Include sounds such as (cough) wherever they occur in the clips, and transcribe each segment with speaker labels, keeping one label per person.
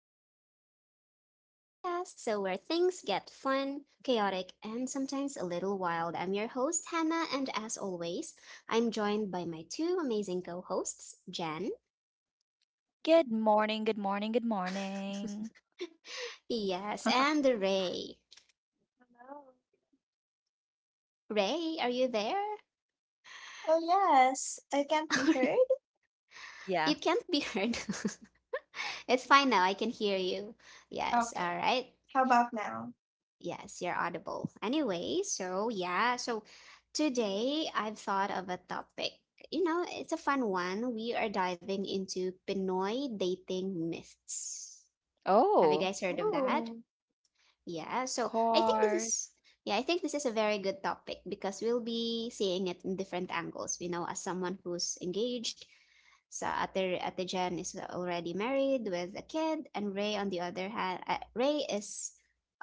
Speaker 1: another episode of our podcast. So, where things get fun, chaotic, and sometimes a little wild. I'm your host, Hannah, and as always, I'm joined by my two amazing co hosts, Jan,
Speaker 2: Good morning, good morning, good morning.
Speaker 1: yes,
Speaker 2: (laughs)
Speaker 1: and Ray. Ray, are you there? (laughs) You
Speaker 2: Yeah.
Speaker 1: can't be heard. (laughs) It's fine now, I can hear you. Yes, all right. Yes, you're audible. Anyway, so yeah, so today I've thought of a topic. You know, it's a fun one. We are diving into Pinoy dating myths. Have you
Speaker 2: Oh.
Speaker 1: guys heard of that? Yeah,
Speaker 2: Of
Speaker 1: so I think
Speaker 2: course.
Speaker 1: I think this is a very good topic because we'll be seeing it in different angles. You know, as someone who's engaged, so Ate Jen is already married with a kid, and Ray on the other hand, Ray is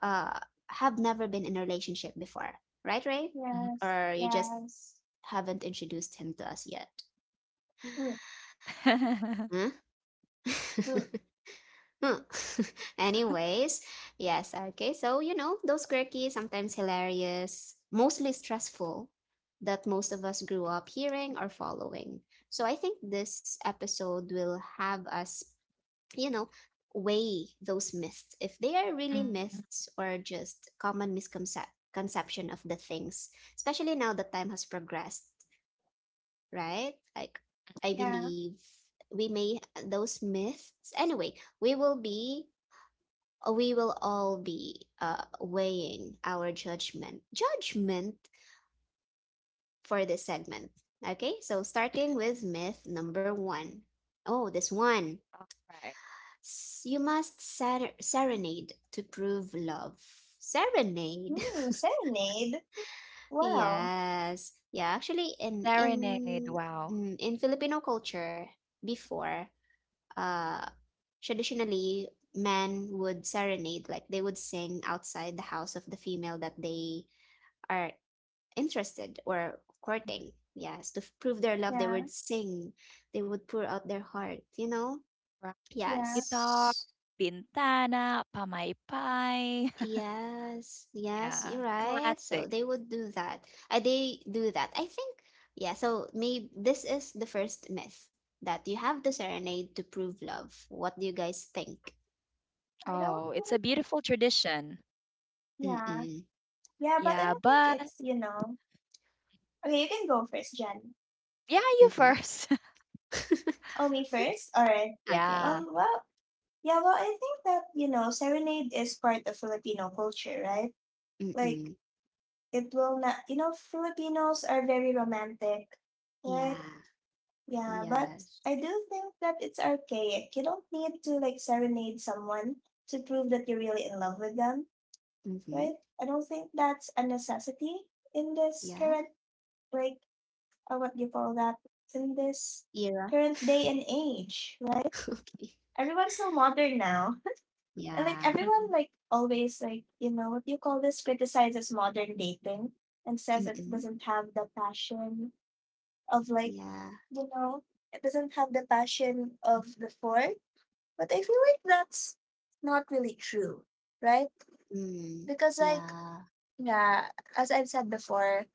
Speaker 1: uh have never been in a relationship before, right, Ray?
Speaker 2: Mhm.
Speaker 3: Yes,
Speaker 1: Or you just
Speaker 3: yes,
Speaker 1: haven't introduced him to us yet?
Speaker 2: (laughs)
Speaker 1: Huh? (laughs) Huh. (laughs) Anyways, yes, okay. So, you know, those quirky, sometimes hilarious, mostly stressful that most of us grew up hearing or following. So, I think this episode will have us, you know, weigh those myths if they are really
Speaker 2: Mhm.
Speaker 1: myths or just common misconception of the things, especially now that time has progressed, right? Like, I
Speaker 3: yeah.
Speaker 1: believe we may, those myths, anyway, we will be we will all be weighing our judgment for this segment. Okay, so starting with myth number one. Oh, this
Speaker 2: All
Speaker 1: one.
Speaker 2: right.
Speaker 1: You must serenade to prove love. Serenade.
Speaker 3: Mm, serenade.
Speaker 1: (laughs)
Speaker 3: Wow.
Speaker 1: Yes. Yeah, actually in in
Speaker 2: Serenade, wow.
Speaker 1: mm, in Filipino culture before, uh traditionally men would serenade, like they would sing outside the house of the female that they are interested or
Speaker 2: Mhm.
Speaker 1: courting. Yes, to prove their love, they
Speaker 3: Yeah,
Speaker 1: would sing, they would pour out their heart, you know?
Speaker 2: Rock
Speaker 3: yeah.
Speaker 2: guitar,
Speaker 1: Yes.
Speaker 2: bintana, pamaypay. (laughs)
Speaker 1: Yes, yes,
Speaker 2: Yeah.
Speaker 1: you're right. So
Speaker 2: Classic.
Speaker 1: they would do that. They do that. I think, yeah, so maybe this is the first myth that you have the serenade to prove love. What do you guys think?
Speaker 3: I don't
Speaker 2: Oh, it's a
Speaker 3: think.
Speaker 2: beautiful tradition.
Speaker 3: Yeah,
Speaker 1: Mm-mm.
Speaker 3: yeah, but I
Speaker 2: Yeah,
Speaker 3: don't think
Speaker 2: but
Speaker 3: it's. Okay, you can go first, Jen.
Speaker 2: yeah, you
Speaker 1: Mm-hmm. (laughs)
Speaker 2: first. (laughs)
Speaker 3: Oh, me first. All right.
Speaker 1: Okay.
Speaker 2: Yeah.
Speaker 3: Well. Yeah. Well, I think that serenade is part of Filipino culture, right? Like
Speaker 1: Mm-mm.
Speaker 3: it will not. You know, Filipinos are very romantic, right?
Speaker 1: Yeah.
Speaker 3: Yeah, but
Speaker 1: Yes.
Speaker 3: I do think that it's archaic. You don't need to like serenade someone to prove that you're really in love with them,
Speaker 1: Mm-hmm.
Speaker 3: right? I don't think that's a necessity in this
Speaker 1: Yeah.
Speaker 3: current like what do you call that? In this
Speaker 1: Era.
Speaker 3: current day and age, right?
Speaker 1: (laughs) Okay.
Speaker 3: Everyone's so modern now. (laughs)
Speaker 2: (laughs)
Speaker 3: And like
Speaker 1: Yeah.
Speaker 3: everyone like always like, what do you call this? Criticizes modern dating and says that it
Speaker 1: Mm-mm.
Speaker 3: doesn't have the passion of like,
Speaker 1: Yeah.
Speaker 3: you know, it doesn't have the passion of before. But I feel like that's not really true, right?
Speaker 1: Mm.
Speaker 3: Because like,
Speaker 1: Yeah.
Speaker 3: yeah, as I've said before,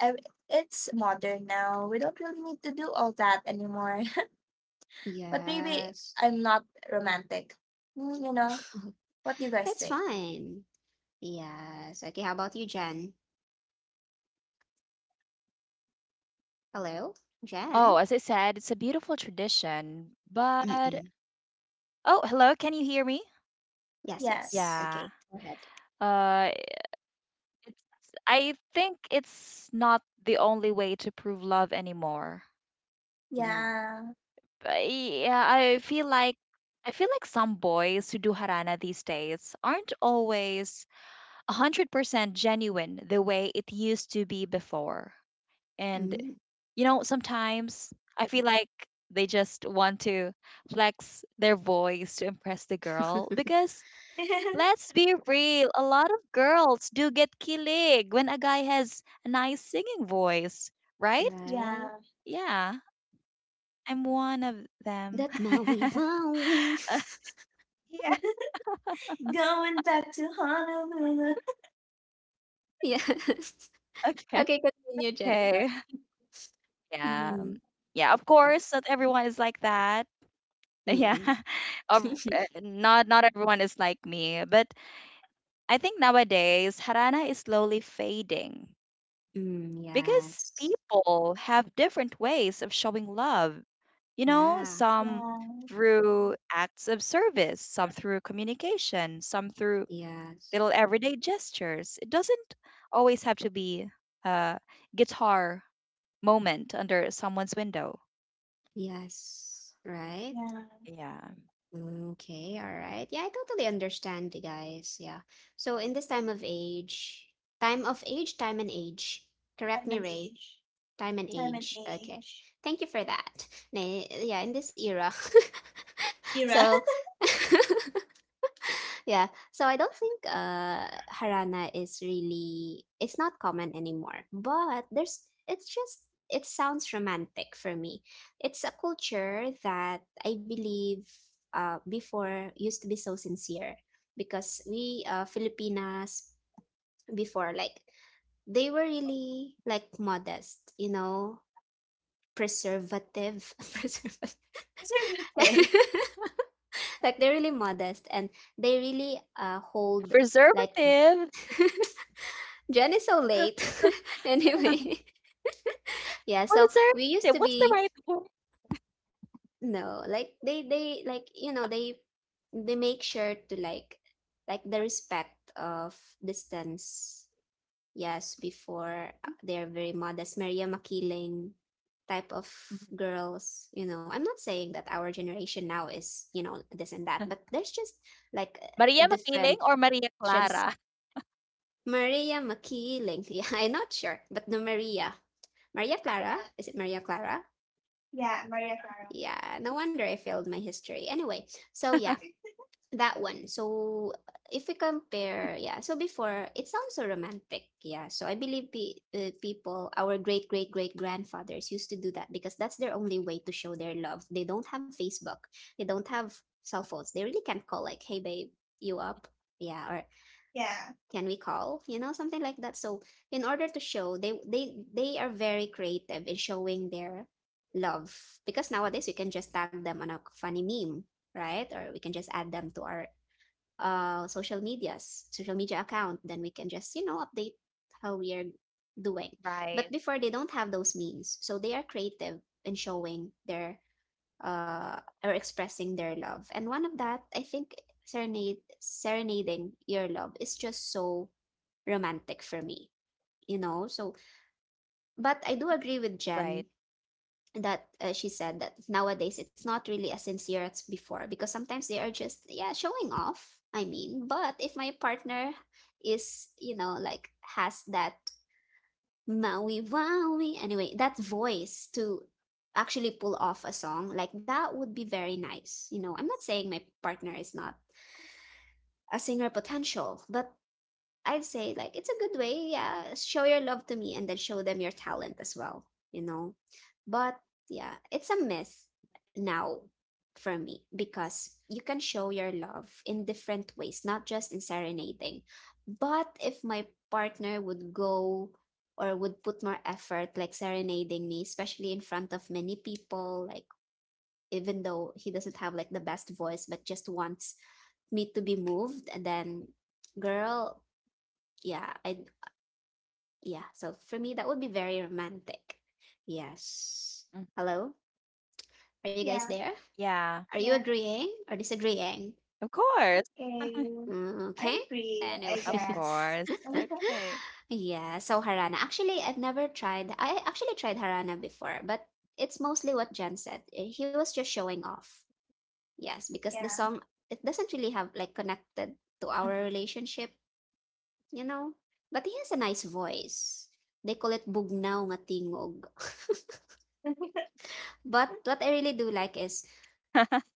Speaker 3: ev- it's modern now. We don't really need to do all that anymore. (laughs) But maybe
Speaker 1: Yes.
Speaker 3: I'm not romantic. You know,
Speaker 1: (laughs)
Speaker 3: what do you guys
Speaker 1: It's
Speaker 3: think?
Speaker 1: fine. Yes. Okay, how about you, Jen? Hello?
Speaker 2: Oh, as I
Speaker 1: Jen?
Speaker 2: said, it's a beautiful tradition, but
Speaker 1: Mm-mm.
Speaker 2: oh, hello, can you hear me?
Speaker 1: Yes, yes.
Speaker 3: Yes.
Speaker 2: Yeah.
Speaker 1: Okay, go ahead.
Speaker 2: Uh, It's I think it's not the only way to prove love anymore.
Speaker 1: Yeah.
Speaker 3: Yeah.
Speaker 2: But yeah, I feel like some boys who do harana these days aren't always 100% genuine the way it used to be before. And
Speaker 1: Mm.
Speaker 2: you know, sometimes I feel like they just want to flex their voice to impress the girl
Speaker 1: (laughs)
Speaker 2: because,
Speaker 3: (laughs)
Speaker 2: let's be real, a lot of girls do get kilig when a guy has a nice singing voice, right?
Speaker 3: Yeah.
Speaker 1: Right?
Speaker 2: Yeah, I'm one of them.
Speaker 1: That Maui
Speaker 2: (laughs)
Speaker 1: Wowie. (laughs)
Speaker 2: Yeah,
Speaker 3: Going back to Honolulu.
Speaker 1: Yeah. (laughs)
Speaker 2: okay.
Speaker 1: Okay, continue, Jen. I'm
Speaker 2: Okay.
Speaker 1: sorry.
Speaker 2: Yeah.
Speaker 1: Mm.
Speaker 2: Yeah, of course, not everyone is like that. (laughs) Yeah.
Speaker 1: Mm-mm.
Speaker 2: Of-
Speaker 1: (laughs)
Speaker 2: uh, Not not everyone is like me, but I think nowadays Harana is slowly fading,
Speaker 1: Mm,
Speaker 2: because
Speaker 1: yes.
Speaker 2: people have different ways of showing love. You know,
Speaker 1: Yeah.
Speaker 2: some
Speaker 3: Yeah.
Speaker 2: through acts of service, some through communication, some through
Speaker 1: Yes.
Speaker 2: little everyday gestures. It doesn't always have to be a guitar moment under someone's window.
Speaker 1: Yes. Right?
Speaker 3: Yeah.
Speaker 2: Yeah.
Speaker 1: Okay, all right. Yeah, I totally understand, the guys. Yeah. So in this time of age, time of age, time and age. Correct
Speaker 3: I'm
Speaker 1: me,
Speaker 3: an
Speaker 1: Ray.
Speaker 3: age.
Speaker 1: Time and
Speaker 3: Time and
Speaker 1: age. Okay.
Speaker 3: age.
Speaker 1: Thank you for that. Yeah, in this era. (laughs)
Speaker 3: Era.
Speaker 1: So
Speaker 3: (laughs)
Speaker 1: (laughs) yeah. So I don't think harana is really it's not common anymore. But there's it's just it sounds romantic for me. It's a culture that I believe before used to be so sincere because we, Filipinas before, like they were really like modest, you know, preservative, (laughs) preservative.
Speaker 3: Preservative.
Speaker 1: (laughs) Like they're really
Speaker 2: Preservative.
Speaker 1: modest and they really
Speaker 2: (laughs)
Speaker 1: hold, like (laughs) Jen is so late.
Speaker 2: Preservative.
Speaker 1: (laughs)
Speaker 2: What's the right
Speaker 1: Anyway,
Speaker 2: word?
Speaker 1: (laughs) yeah. So we used to be, no, like they like, they make sure to, like, the respect of distance. Yes, before, they're very
Speaker 2: Mhm.
Speaker 1: modest, Maria Makiling type of girls. You know, I'm not saying that
Speaker 2: (laughs)
Speaker 1: our generation now is,
Speaker 2: Maria
Speaker 1: this and
Speaker 2: Makiling
Speaker 1: that,
Speaker 2: or
Speaker 1: but
Speaker 2: Maria
Speaker 1: there's just
Speaker 2: Clara? (laughs)
Speaker 1: like, different trans. Maria Makiling. (laughs) Yeah, I'm not sure, but no Maria. Maria
Speaker 3: Yeah,
Speaker 1: Clara. Is it Maria Clara?
Speaker 3: yeah, Maria Clara.
Speaker 1: Yeah, no wonder I failed my history. Anyway, so yeah, that one. So if we compare, yeah, so before it sounds so romantic. Yeah, so I believe people, our great great great grandfathers used to do that because that's their only way to show their love. They don't have Facebook, they don't have cell phones. They really can't call, like, hey, babe, you up? Yeah, or
Speaker 3: Yeah,
Speaker 1: can we call, something like that, so in order to show, they are very creative in showing their love, because nowadays we can just tag them on a funny meme, right, or we can just add them to our, social media account, then we can just, update
Speaker 2: Right,
Speaker 1: how we are doing. But before, they don't have those means, so they are creative in showing their, or expressing, their love. And one of that, I think serenade serenading your love is just so romantic for me, you know? So,
Speaker 2: right.
Speaker 1: but I do agree with Jen that, she said that nowadays it's not really as sincere as before because sometimes they are just, yeah, showing off. I mean, but if my partner is, like, has that Maui Wowie, anyway, that voice to actually pull off a song, like that would be very nice. You know, I'm not saying my partner is not a singer potential, but I'd say like it's a good way, yeah. Show your love to me and then show them your talent as well, you know. But yeah, it's a myth now for me because you can show your love in different ways, not just in serenading. But if my partner would go or would put more effort like serenading me, especially in front of many people, like even though he doesn't have like the best voice, but just wants me to be moved and then girl, yeah, I yeah. So for me, that would be very romantic.
Speaker 2: Mm.
Speaker 1: Yes. Hello, are you guys
Speaker 3: yeah,
Speaker 2: Yeah,
Speaker 1: there? Are you
Speaker 3: yeah.
Speaker 1: agreeing or
Speaker 2: of
Speaker 1: disagreeing?
Speaker 2: course. (laughs)
Speaker 3: Okay,
Speaker 1: Mm, okay.
Speaker 3: I
Speaker 2: Of
Speaker 3: agree. I
Speaker 1: Anyway.
Speaker 2: course.
Speaker 3: guess.
Speaker 1: (laughs)
Speaker 2: Okay.
Speaker 3: (laughs)
Speaker 1: Yeah, so Harana. Actually, I've never tried. I actually tried Harana before, but it's mostly what Jen said. Eh, he was just showing off. Yes, because the
Speaker 3: Yeah,
Speaker 1: song, it doesn't really have,
Speaker 2: Mhm.
Speaker 1: like, connected to our relationship. You know? But he has a nice voice. They call it bugnaw nga tingog. (laughs) But what I really
Speaker 2: Mhm.
Speaker 1: do like is,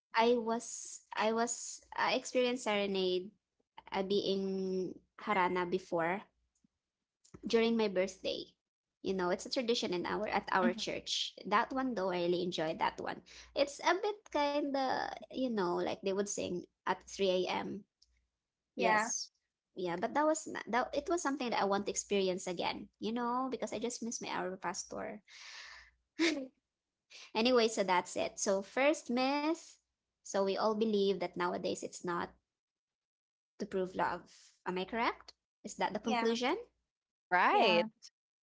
Speaker 1: I experienced serenade, being harana before during my birthday. You know, it's a
Speaker 2: (laughs)
Speaker 1: tradition in our at our church. That one though, I really enjoyed that one. It's a bit kinda, like they would sing at 3 a.m.
Speaker 3: yeah,
Speaker 1: Yes. Yeah, but that was that it was something that I want to experience again, you know, because I just miss my Our Pastor. Anyway, so that's it. So first myth, so we all believe that nowadays it's not to prove love. Am I correct? Is that the
Speaker 3: yeah,
Speaker 1: conclusion?
Speaker 2: Right.
Speaker 3: yeah.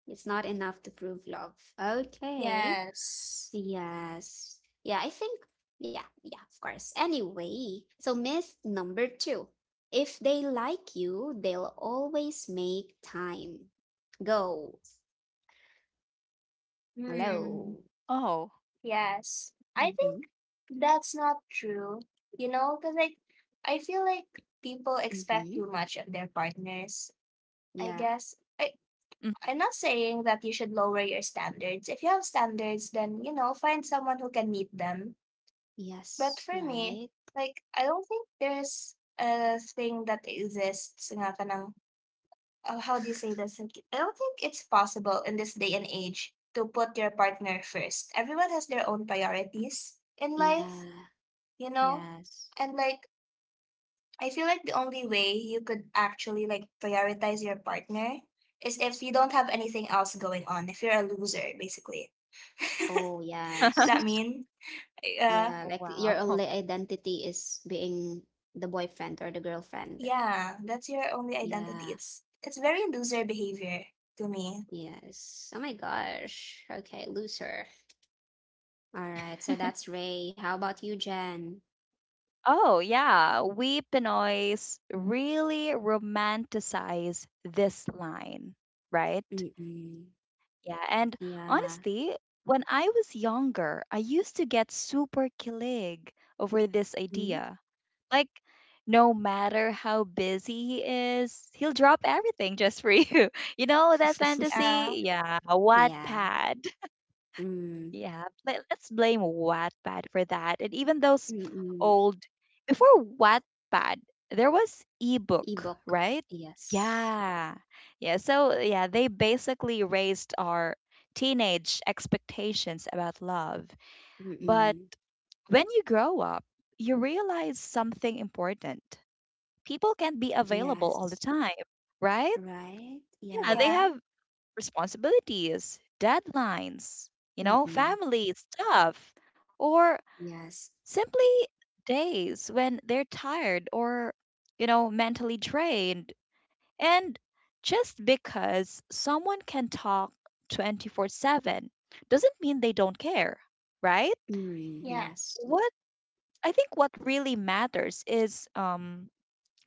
Speaker 1: It's not enough to prove love. Okay.
Speaker 3: Yes.
Speaker 1: Yes. Yeah, I think, yeah, yeah, of course. Anyway, so myth number 2. If they like you, they'll always make time. Go.
Speaker 3: Hmm.
Speaker 1: Hello.
Speaker 2: Oh.
Speaker 3: Yes. I think
Speaker 1: Mm-hmm.
Speaker 3: that's not true. You know, because like I feel like people expect
Speaker 1: Mm-hmm.
Speaker 3: too much of their partners. I
Speaker 1: Yeah.
Speaker 3: guess I
Speaker 2: Mhm.
Speaker 3: I'm not saying that you should lower your standards. If you have standards, then you know, find someone who can meet them.
Speaker 1: Yes.
Speaker 3: But for
Speaker 1: Right.
Speaker 3: me, like I don't think there's a thing that exists nga ka ng oh, how do you say this? Like, I don't think it's possible in this day and age to put your partner first. Everyone has their own priorities in life,
Speaker 1: Yeah.
Speaker 3: you know?
Speaker 1: Yes.
Speaker 3: And like I feel like the only way you could actually like prioritize your partner is if you don't have anything else going on. If you're a loser, basically.
Speaker 1: Oh,
Speaker 3: (laughs) Does that
Speaker 2: (laughs)
Speaker 1: yes.
Speaker 3: mean? Uh,
Speaker 1: Yeah.
Speaker 2: Oh,
Speaker 1: Like your
Speaker 2: wow.
Speaker 1: only identity is being the boyfriend or the girlfriend.
Speaker 3: yeah, that's your only identity.
Speaker 1: Yeah.
Speaker 3: It's very loser behavior to me.
Speaker 1: Yes. Oh my gosh. Okay. Loser. All right. So that's
Speaker 2: (laughs)
Speaker 1: Ray. How about you, Jen?
Speaker 2: Oh, yeah. We Pinoys really romanticize this line, right?
Speaker 1: Mm-mm.
Speaker 2: Yeah. And
Speaker 1: Yeah.
Speaker 2: honestly, when I was younger, I used to get super kilig over this
Speaker 1: Mm.
Speaker 2: idea. Like, no matter how busy he is, he'll drop everything just for you. (laughs) You know that
Speaker 1: (laughs)
Speaker 3: Yeah,
Speaker 2: fantasy? Yeah,
Speaker 1: Yeah.
Speaker 2: Wattpad.
Speaker 1: Mm.
Speaker 2: Yeah, let's blame Wattpad for that. And even those
Speaker 1: Mm-mm.
Speaker 2: old, before Wattpad, there was ebook,
Speaker 1: Ebook.
Speaker 2: right?
Speaker 1: Yes.
Speaker 2: Yeah. Yeah, so yeah, they basically raised our teenage expectations about love. But
Speaker 1: Mm-mm.
Speaker 2: when you grow up, you realize something important: people can't be available all the
Speaker 1: Yes,
Speaker 2: time, right?
Speaker 1: right?
Speaker 2: Yeah, they
Speaker 1: Yeah.
Speaker 3: yeah,
Speaker 2: have responsibilities, deadlines, you know,
Speaker 1: Mm-mm.
Speaker 2: family stuff, or
Speaker 1: Yes.
Speaker 2: simply days when they're tired or, you know, mentally drained. And just because someone can talk 24/7 doesn't mean they don't care, right?
Speaker 1: Mm,
Speaker 3: yeah,
Speaker 1: yes.
Speaker 2: What I think what really matters is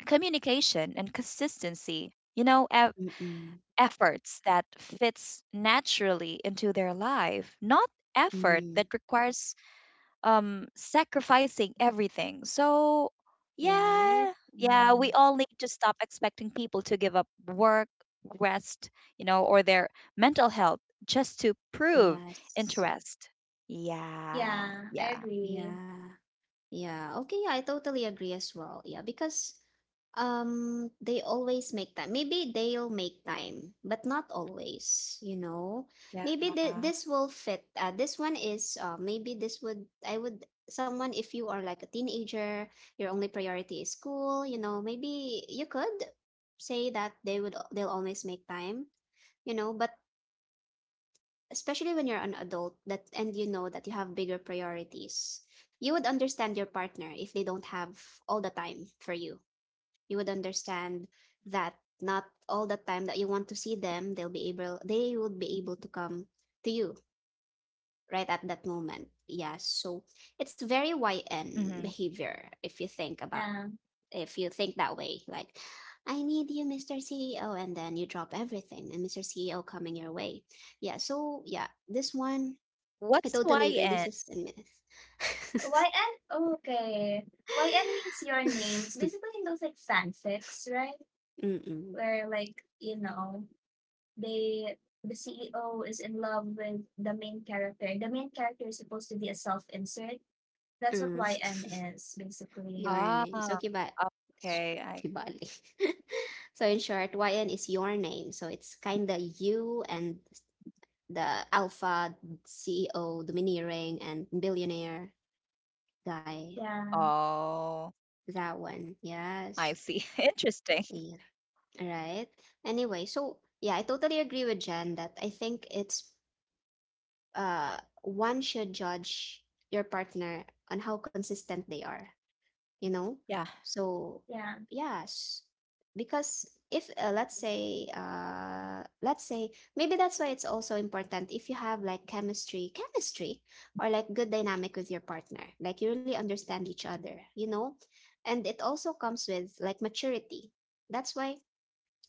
Speaker 2: communication and consistency. You know,
Speaker 1: Mm-mm.
Speaker 2: efforts that fits naturally into their life, not effort that
Speaker 1: Mm,
Speaker 2: requires sacrificing everything. So,
Speaker 1: right?
Speaker 2: yeah, yeah, we
Speaker 1: Mm,
Speaker 2: all need to stop expecting people to give up work, rest, you know, or their mental health just to prove
Speaker 1: yes.
Speaker 2: interest. Yeah,
Speaker 3: yeah. I
Speaker 2: yeah,
Speaker 3: agree.
Speaker 1: Yeah. Yeah. Okay, yeah, I totally agree as well. Yeah, because, they always make time. Maybe they'll make time, but not always. Maybe
Speaker 2: yeah.
Speaker 1: this will fit. This one is, maybe this would I would someone if you are like a teenager, your only priority is school, you know, maybe you could say that they'll always make time, you know, but especially when you're an adult that and you know that you have bigger priorities. You would understand your partner if they don't have all the time for you would understand that not all the time that you want to see them they would be able to come to you right at that moment,
Speaker 2: Hmm.
Speaker 1: yeah. So it's very YN behavior if you think about
Speaker 3: Yeah.
Speaker 1: if you think that way, like I need you, Mr. CEO and then you drop everything and Mr. CEO coming your way, yeah.
Speaker 2: What's
Speaker 1: So yeah,
Speaker 2: YN?
Speaker 1: this one I totally agree, this is a myth.
Speaker 3: YN? Okay. YN means your name. It's
Speaker 1: (laughs)
Speaker 3: basically those like fanfics, right?
Speaker 1: Mm-mm.
Speaker 3: Where like, you know, they the CEO is in love with the main character. The main character is supposed to be a self insert. That's what
Speaker 1: Mm.
Speaker 3: YN
Speaker 2: Ah,
Speaker 3: is,
Speaker 1: Your
Speaker 3: basically.
Speaker 2: okay.
Speaker 1: name. So
Speaker 2: I
Speaker 1: s- kibali. (laughs) So in short, YN is your name. So it's kinda you and the alpha CEO, domineering and billionaire guy.
Speaker 2: oh,
Speaker 3: Yeah,
Speaker 1: That
Speaker 2: I
Speaker 1: one.
Speaker 2: see. (laughs)
Speaker 1: Yes.
Speaker 2: Interesting.
Speaker 1: Yeah. Right. Anyway, so yeah, I totally agree with Jen that I think it's, uh one should judge your partner on how consistent they are, you
Speaker 2: Yeah.
Speaker 1: know so
Speaker 3: yeah,
Speaker 1: yes. Because if, let's say, let's say, maybe that's why it's also important if you have like chemistry, or like good dynamic with your partner, like you really understand each other, and it also comes with like maturity. That's why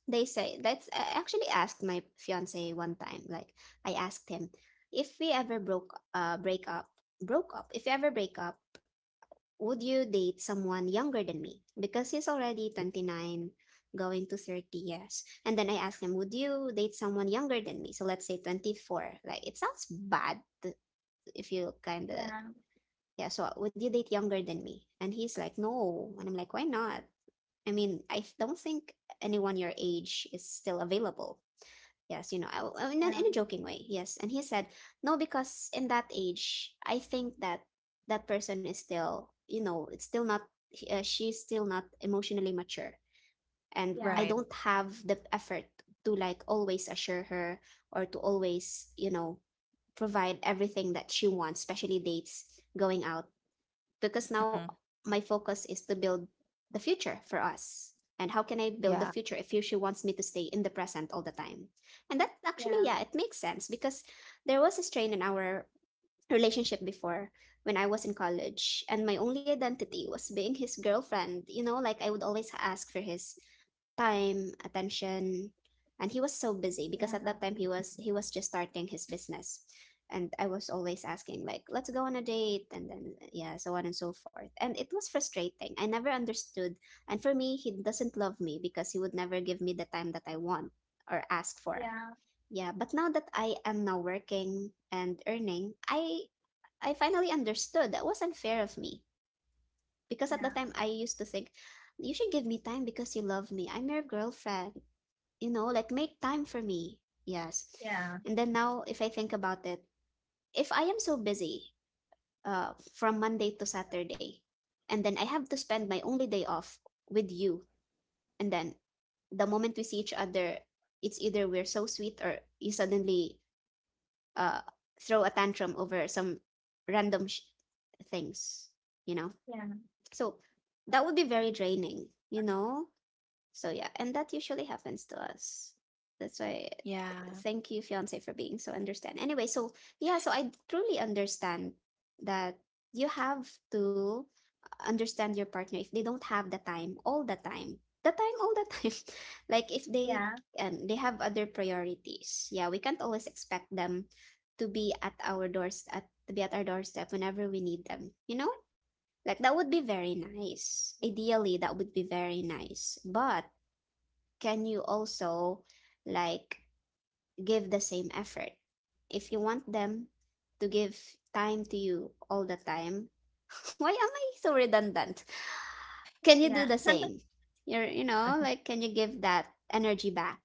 Speaker 1: they say, that's I actually asked my fiance one time, like, I asked him, if we ever broke break up broke up if you ever break up, would you date someone younger than me? Because he's already 29, going to 30, yes. And then I asked him, would you date someone younger than me? So let's say 24. Like, it sounds bad to- if you kind of,
Speaker 3: yeah,
Speaker 1: Yeah, so would you date younger than me? And he's like, no. And I'm like, why not? Don't think anyone your age is still available. Yes, in, in a
Speaker 3: yeah,
Speaker 1: joking way. Yes. And he said, no, because in that age, I think that person is still, it's still not, she's still not emotionally mature. And
Speaker 3: yeah,
Speaker 1: I
Speaker 2: Right.
Speaker 1: don't have the effort to like always assure her or to always, provide everything that she wants, especially dates, going out because now
Speaker 2: Hmm.
Speaker 1: my focus is to build the future for us. And how can I build the
Speaker 2: Yeah.
Speaker 1: future if she wants me to stay in the present all the time? And that actually,
Speaker 3: yeah,
Speaker 1: yeah, it makes sense because there was a strain in our relationship before, when I was in college, and my only identity was being his girlfriend. You know, like I would always ask for his time, attention, and he was so busy because at
Speaker 3: yeah,
Speaker 1: that time he was just starting his business. And I was always asking like, let's go on a date and then yeah, so on and so forth. And it was frustrating. I never understood. And for me, he doesn't love me because he would never give me the time that I want or ask for.
Speaker 3: yeah,
Speaker 1: Yeah, but now that I am now working and earning, I finally understood that was unfair of me, because at the
Speaker 3: yeah,
Speaker 1: time I used to think you should give me time because you love me. I'm your girlfriend. You know, like make time for me. Yes.
Speaker 3: yeah,
Speaker 1: And then now if I think about it, if I am so busy from Monday to Saturday and then I have to spend my only day off with you, and then the moment we see each other, it's either we're so sweet or you suddenly uh throw a tantrum over some random sh- things, you know?
Speaker 3: yeah,
Speaker 1: So that would be very draining, you know? So yeah, and that usually happens to us. That's why
Speaker 2: Yeah.
Speaker 1: thank you, fiance, for being so understand. Anyway, so yeah, so I truly understand that you have to understand your partner if they don't have the time all the time. The time all the time. (laughs) Like if they
Speaker 3: yeah,
Speaker 1: and they have other priorities. Yeah, we can't always expect them to be at our doorstep whenever we need them, you know? Like that would be very nice. Ideally, that would be very nice. But can you also like give the same effort? If you want them to give time to you all the time, (laughs) why am I so redundant? Can you
Speaker 3: yeah.
Speaker 1: do the
Speaker 3: (laughs)
Speaker 1: same? You know, like can you give that energy back?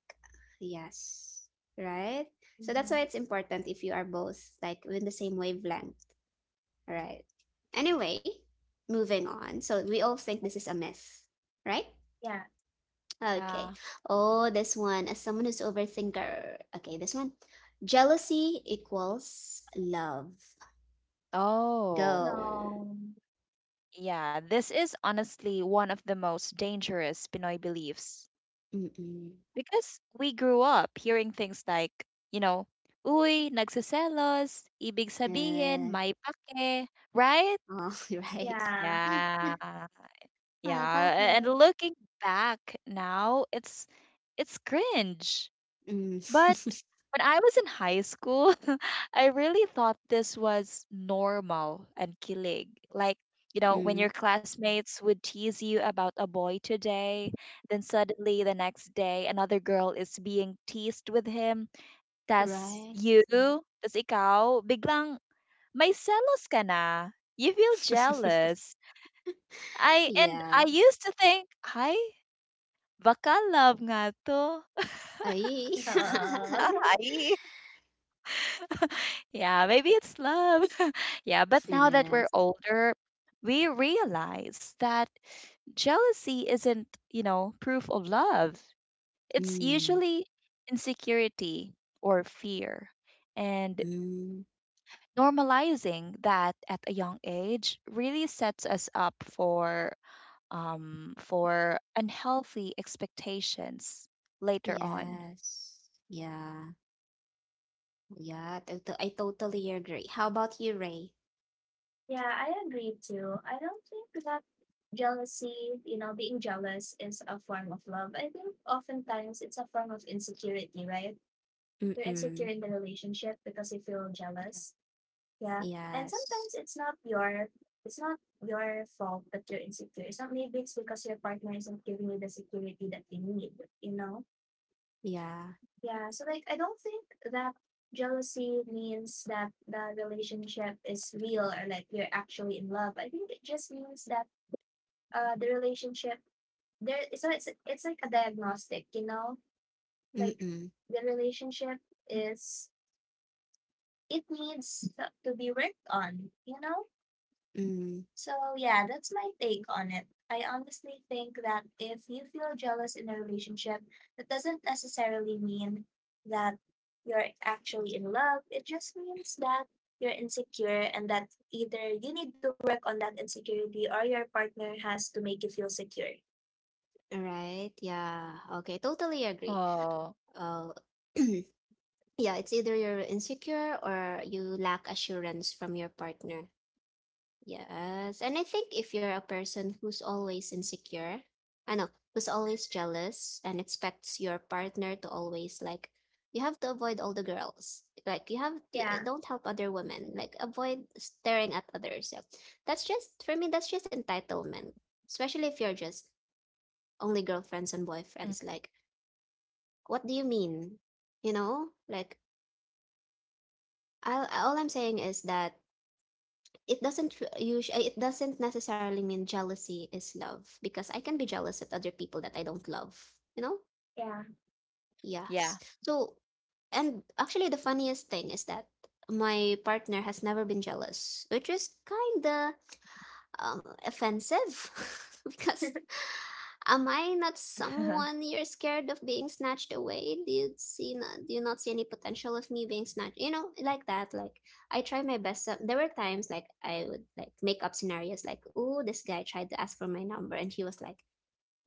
Speaker 1: Yes. Right? So that's
Speaker 3: Mhm.
Speaker 1: why it's important if you are both like in the same wavelength. Right. Anyway, moving on. So we all think this is a myth, right?
Speaker 3: Yeah.
Speaker 2: Yeah.
Speaker 1: Okay. Oh, this one. As someone who's overthinker. Okay, this one. Jealousy equals love.
Speaker 2: Oh,
Speaker 1: Go.
Speaker 3: No.
Speaker 2: yeah. This is honestly one of the most dangerous Pinoy beliefs
Speaker 1: Mm-mm.
Speaker 2: because we grew up hearing things like, you know, uy, nagsiselos, ibig sabihin,
Speaker 1: Uh,
Speaker 2: may pake, right?
Speaker 1: oh, (laughs) right.
Speaker 3: Yeah.
Speaker 1: (laughs)
Speaker 2: Yeah.
Speaker 1: My
Speaker 2: Yeah. And
Speaker 1: bucket.
Speaker 2: looking back now, it's cringe.
Speaker 1: Mm.
Speaker 2: But when I was in high school, (laughs) I really thought this was normal and kilig. Like, you
Speaker 1: (laughs)
Speaker 2: know, when
Speaker 1: mm.
Speaker 2: your classmates would tease you about a boy today, then suddenly the next day another girl is being teased with him. Tas
Speaker 1: Right.
Speaker 2: you, tas ikaw, biglang may selos ka na. You feel jealous. I and
Speaker 1: Yeah.
Speaker 2: I used to think, ay, baka love nga to. (laughs)
Speaker 1: I.
Speaker 3: Ito.
Speaker 1: (laughs)
Speaker 3: (laughs)
Speaker 2: Ay. Yeah, maybe it's love. (laughs) Yeah, but now that we're
Speaker 1: yes.
Speaker 2: older, we realize that jealousy isn't, you know, proof of love. It's
Speaker 1: Mm.
Speaker 2: usually insecurity or fear. And
Speaker 1: Mm.
Speaker 2: normalizing that at a young age really sets us up for unhealthy expectations later on.
Speaker 1: Yes. Yeah. Yeah, I totally agree. How about you, Ray?
Speaker 3: Yeah, I agree too. I don't think that jealousy, you know, being jealous is a form of love. I think oftentimes it's a form of insecurity, right? You're insecure
Speaker 1: Mm-mm.
Speaker 3: in the relationship
Speaker 2: Mhm.
Speaker 3: because you feel jealous. Yeah. And
Speaker 1: Yes.
Speaker 3: sometimes it's not your fault that you're insecure. It's not maybe it's because your partner isn't giving you the security that you need, you know?
Speaker 1: Yeah.
Speaker 3: Yeah, so like I don't think that jealousy means that the relationship is real or like you're actually in love. I think it just means that the relationship there so it's like a diagnostic, you know? Like
Speaker 1: Mm-mm.
Speaker 3: the
Speaker 2: Mhm.
Speaker 3: relationship is it needs to be worked on, you know?
Speaker 1: Mm.
Speaker 3: So, yeah, that's my take on it. I honestly think that if you feel jealous in a relationship, that doesn't necessarily mean that you're actually in love. It just means that you're insecure and that either you need to work on that insecurity or your partner has to make you feel secure.
Speaker 1: All right. Yeah. Okay. Totally
Speaker 2: Oh.
Speaker 1: agree. Uh, (clears throat) yeah, it's either you're insecure or you lack assurance from your partner. Yes. And I think if you're a person who's always insecure, I know, who's always jealous and expects your partner to always like, you have to avoid all the girls. Like, you have to, eh,
Speaker 3: Yeah,
Speaker 1: don't help other women. Like, avoid staring at others. Yeah. That's just, for me, that's just entitlement. Especially if you're just only
Speaker 2: Mm.
Speaker 1: girlfriends and boyfriends. Like, what do you mean? You know, like, I, all I'm saying is that it doesn't necessarily mean jealousy is love, because I can be jealous at other people that I don't love, you know?
Speaker 3: yeah,
Speaker 2: Yeah.
Speaker 1: Yes. So and actually the funniest thing is that my partner has never been jealous, which is kinda offensive (laughs) because am I not
Speaker 2: (laughs)
Speaker 1: someone you're scared of being snatched away? Do you not see any potential of me being snatched? You know, like that. Like I try my best. Up. There were times like I would like make up scenarios like, oh, this guy tried to ask for my number and he was like,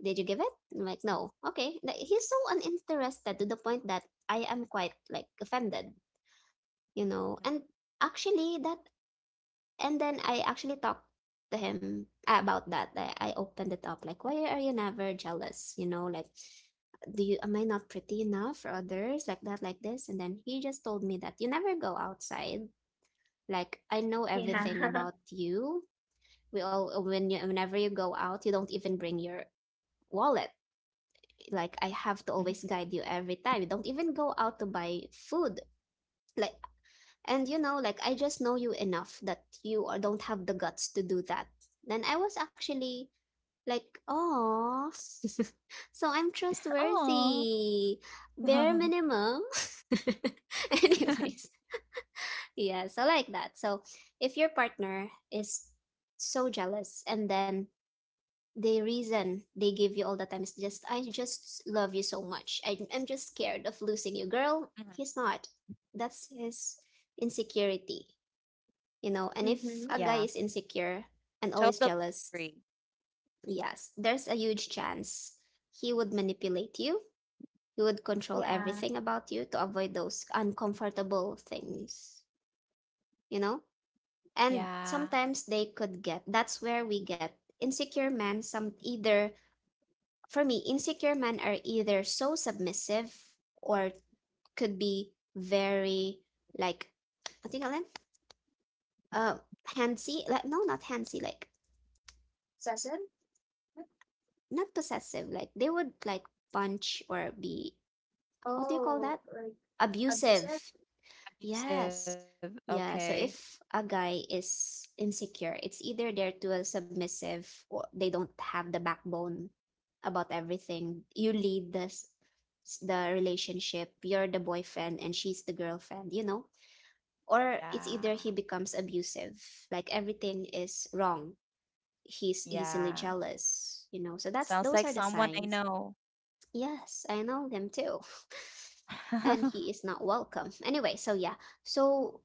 Speaker 1: did you give it? I'm like, no. Okay. Like, he's so uninterested to the point that I am quite like offended, you know. And actually, that and then I actually talked to him about that. I opened it up like, why are you never jealous? You know, like, do you am I not pretty enough for others like that, like this? And then he just told me that you never go outside. Like, I know
Speaker 3: yeah,
Speaker 2: Mm, mhm.
Speaker 1: everything
Speaker 3: (laughs)
Speaker 1: about you. We all whenever you go out, you don't even bring your wallet. Like, I have to always guide you
Speaker 2: Mm-hmm.
Speaker 1: every time. You don't even go out to buy food. Like, and you know, like I just know you enough that don't have the guts to do that. Then I was actually like, oh, (laughs) so I'm
Speaker 2: Aw.
Speaker 1: trustworthy. Bare minimum.
Speaker 2: (laughs)
Speaker 1: (laughs) Anyways, yeah, so like that. So if your partner is so jealous and then the reason they give you all the time is just, I just love you so much. I'm just scared of losing you. Girl,
Speaker 2: Mhm.
Speaker 1: he's not. That's his insecurity, you know? And if a guy is
Speaker 2: Yeah,
Speaker 1: insecure and always
Speaker 2: totally
Speaker 1: jealous,
Speaker 2: agree.
Speaker 1: yes, there's a huge chance he would manipulate you, he would control
Speaker 3: yeah.
Speaker 1: everything about you to avoid those uncomfortable things, you know? And sometimes
Speaker 2: Yeah,
Speaker 1: they could get that's where we get insecure men. Some either For me, insecure men are either so submissive or could be very like, I think I'll end. uh Handsy, like, no, not handsy, like,
Speaker 3: Cecil?
Speaker 1: not possessive, like they would like punch or be what do you call
Speaker 3: Oh,
Speaker 1: that,
Speaker 3: like abusive?
Speaker 1: abusive. Yes.
Speaker 2: abusive.
Speaker 1: Yeah, so
Speaker 2: Okay.
Speaker 1: if a guy is insecure, it's either they're too submissive, or they don't have the backbone about everything. You lead this the relationship. You're the boyfriend and she's the girlfriend, you know? Or it's either he becomes
Speaker 2: Yeah,
Speaker 1: abusive, like everything is wrong, he's easily jealous,
Speaker 2: yeah.
Speaker 1: you know? So that's those are the
Speaker 2: Sounds
Speaker 1: signs.
Speaker 2: like someone I know.
Speaker 1: Yes, I know them too. (laughs) And he is not
Speaker 2: (laughs)
Speaker 1: welcome. Anyway, so yeah. So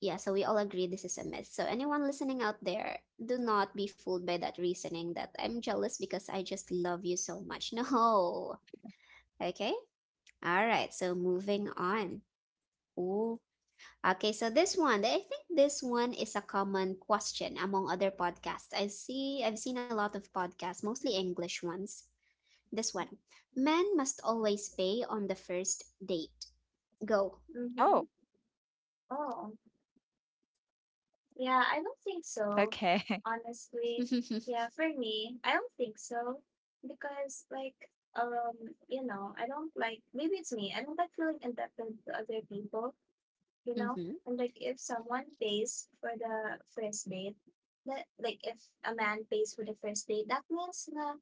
Speaker 1: yeah, so we all agree this is a myth. So anyone listening out there, do not be fooled by that reasoning that I'm jealous because I just love you so much. (laughs) No. Okay? All right. So moving on. Ooh. Okay, so this one, I think this one is a common question among other podcasts. I've seen a lot of podcasts, mostly English ones, this one. Men must always pay on the first date. Go.
Speaker 3: Mm-hmm.
Speaker 2: Oh,
Speaker 3: Oh, yeah, I don't think so.
Speaker 2: okay. (laughs)
Speaker 1: (laughs)
Speaker 3: Honestly,
Speaker 1: mm-hmm.
Speaker 3: yeah, for me, I don't think so because like um, you know, I don't like maybe it's me. I don't like feeling indebted to other people, you know? And like if someone pays for the first date, that like if a man pays for the first date, that means na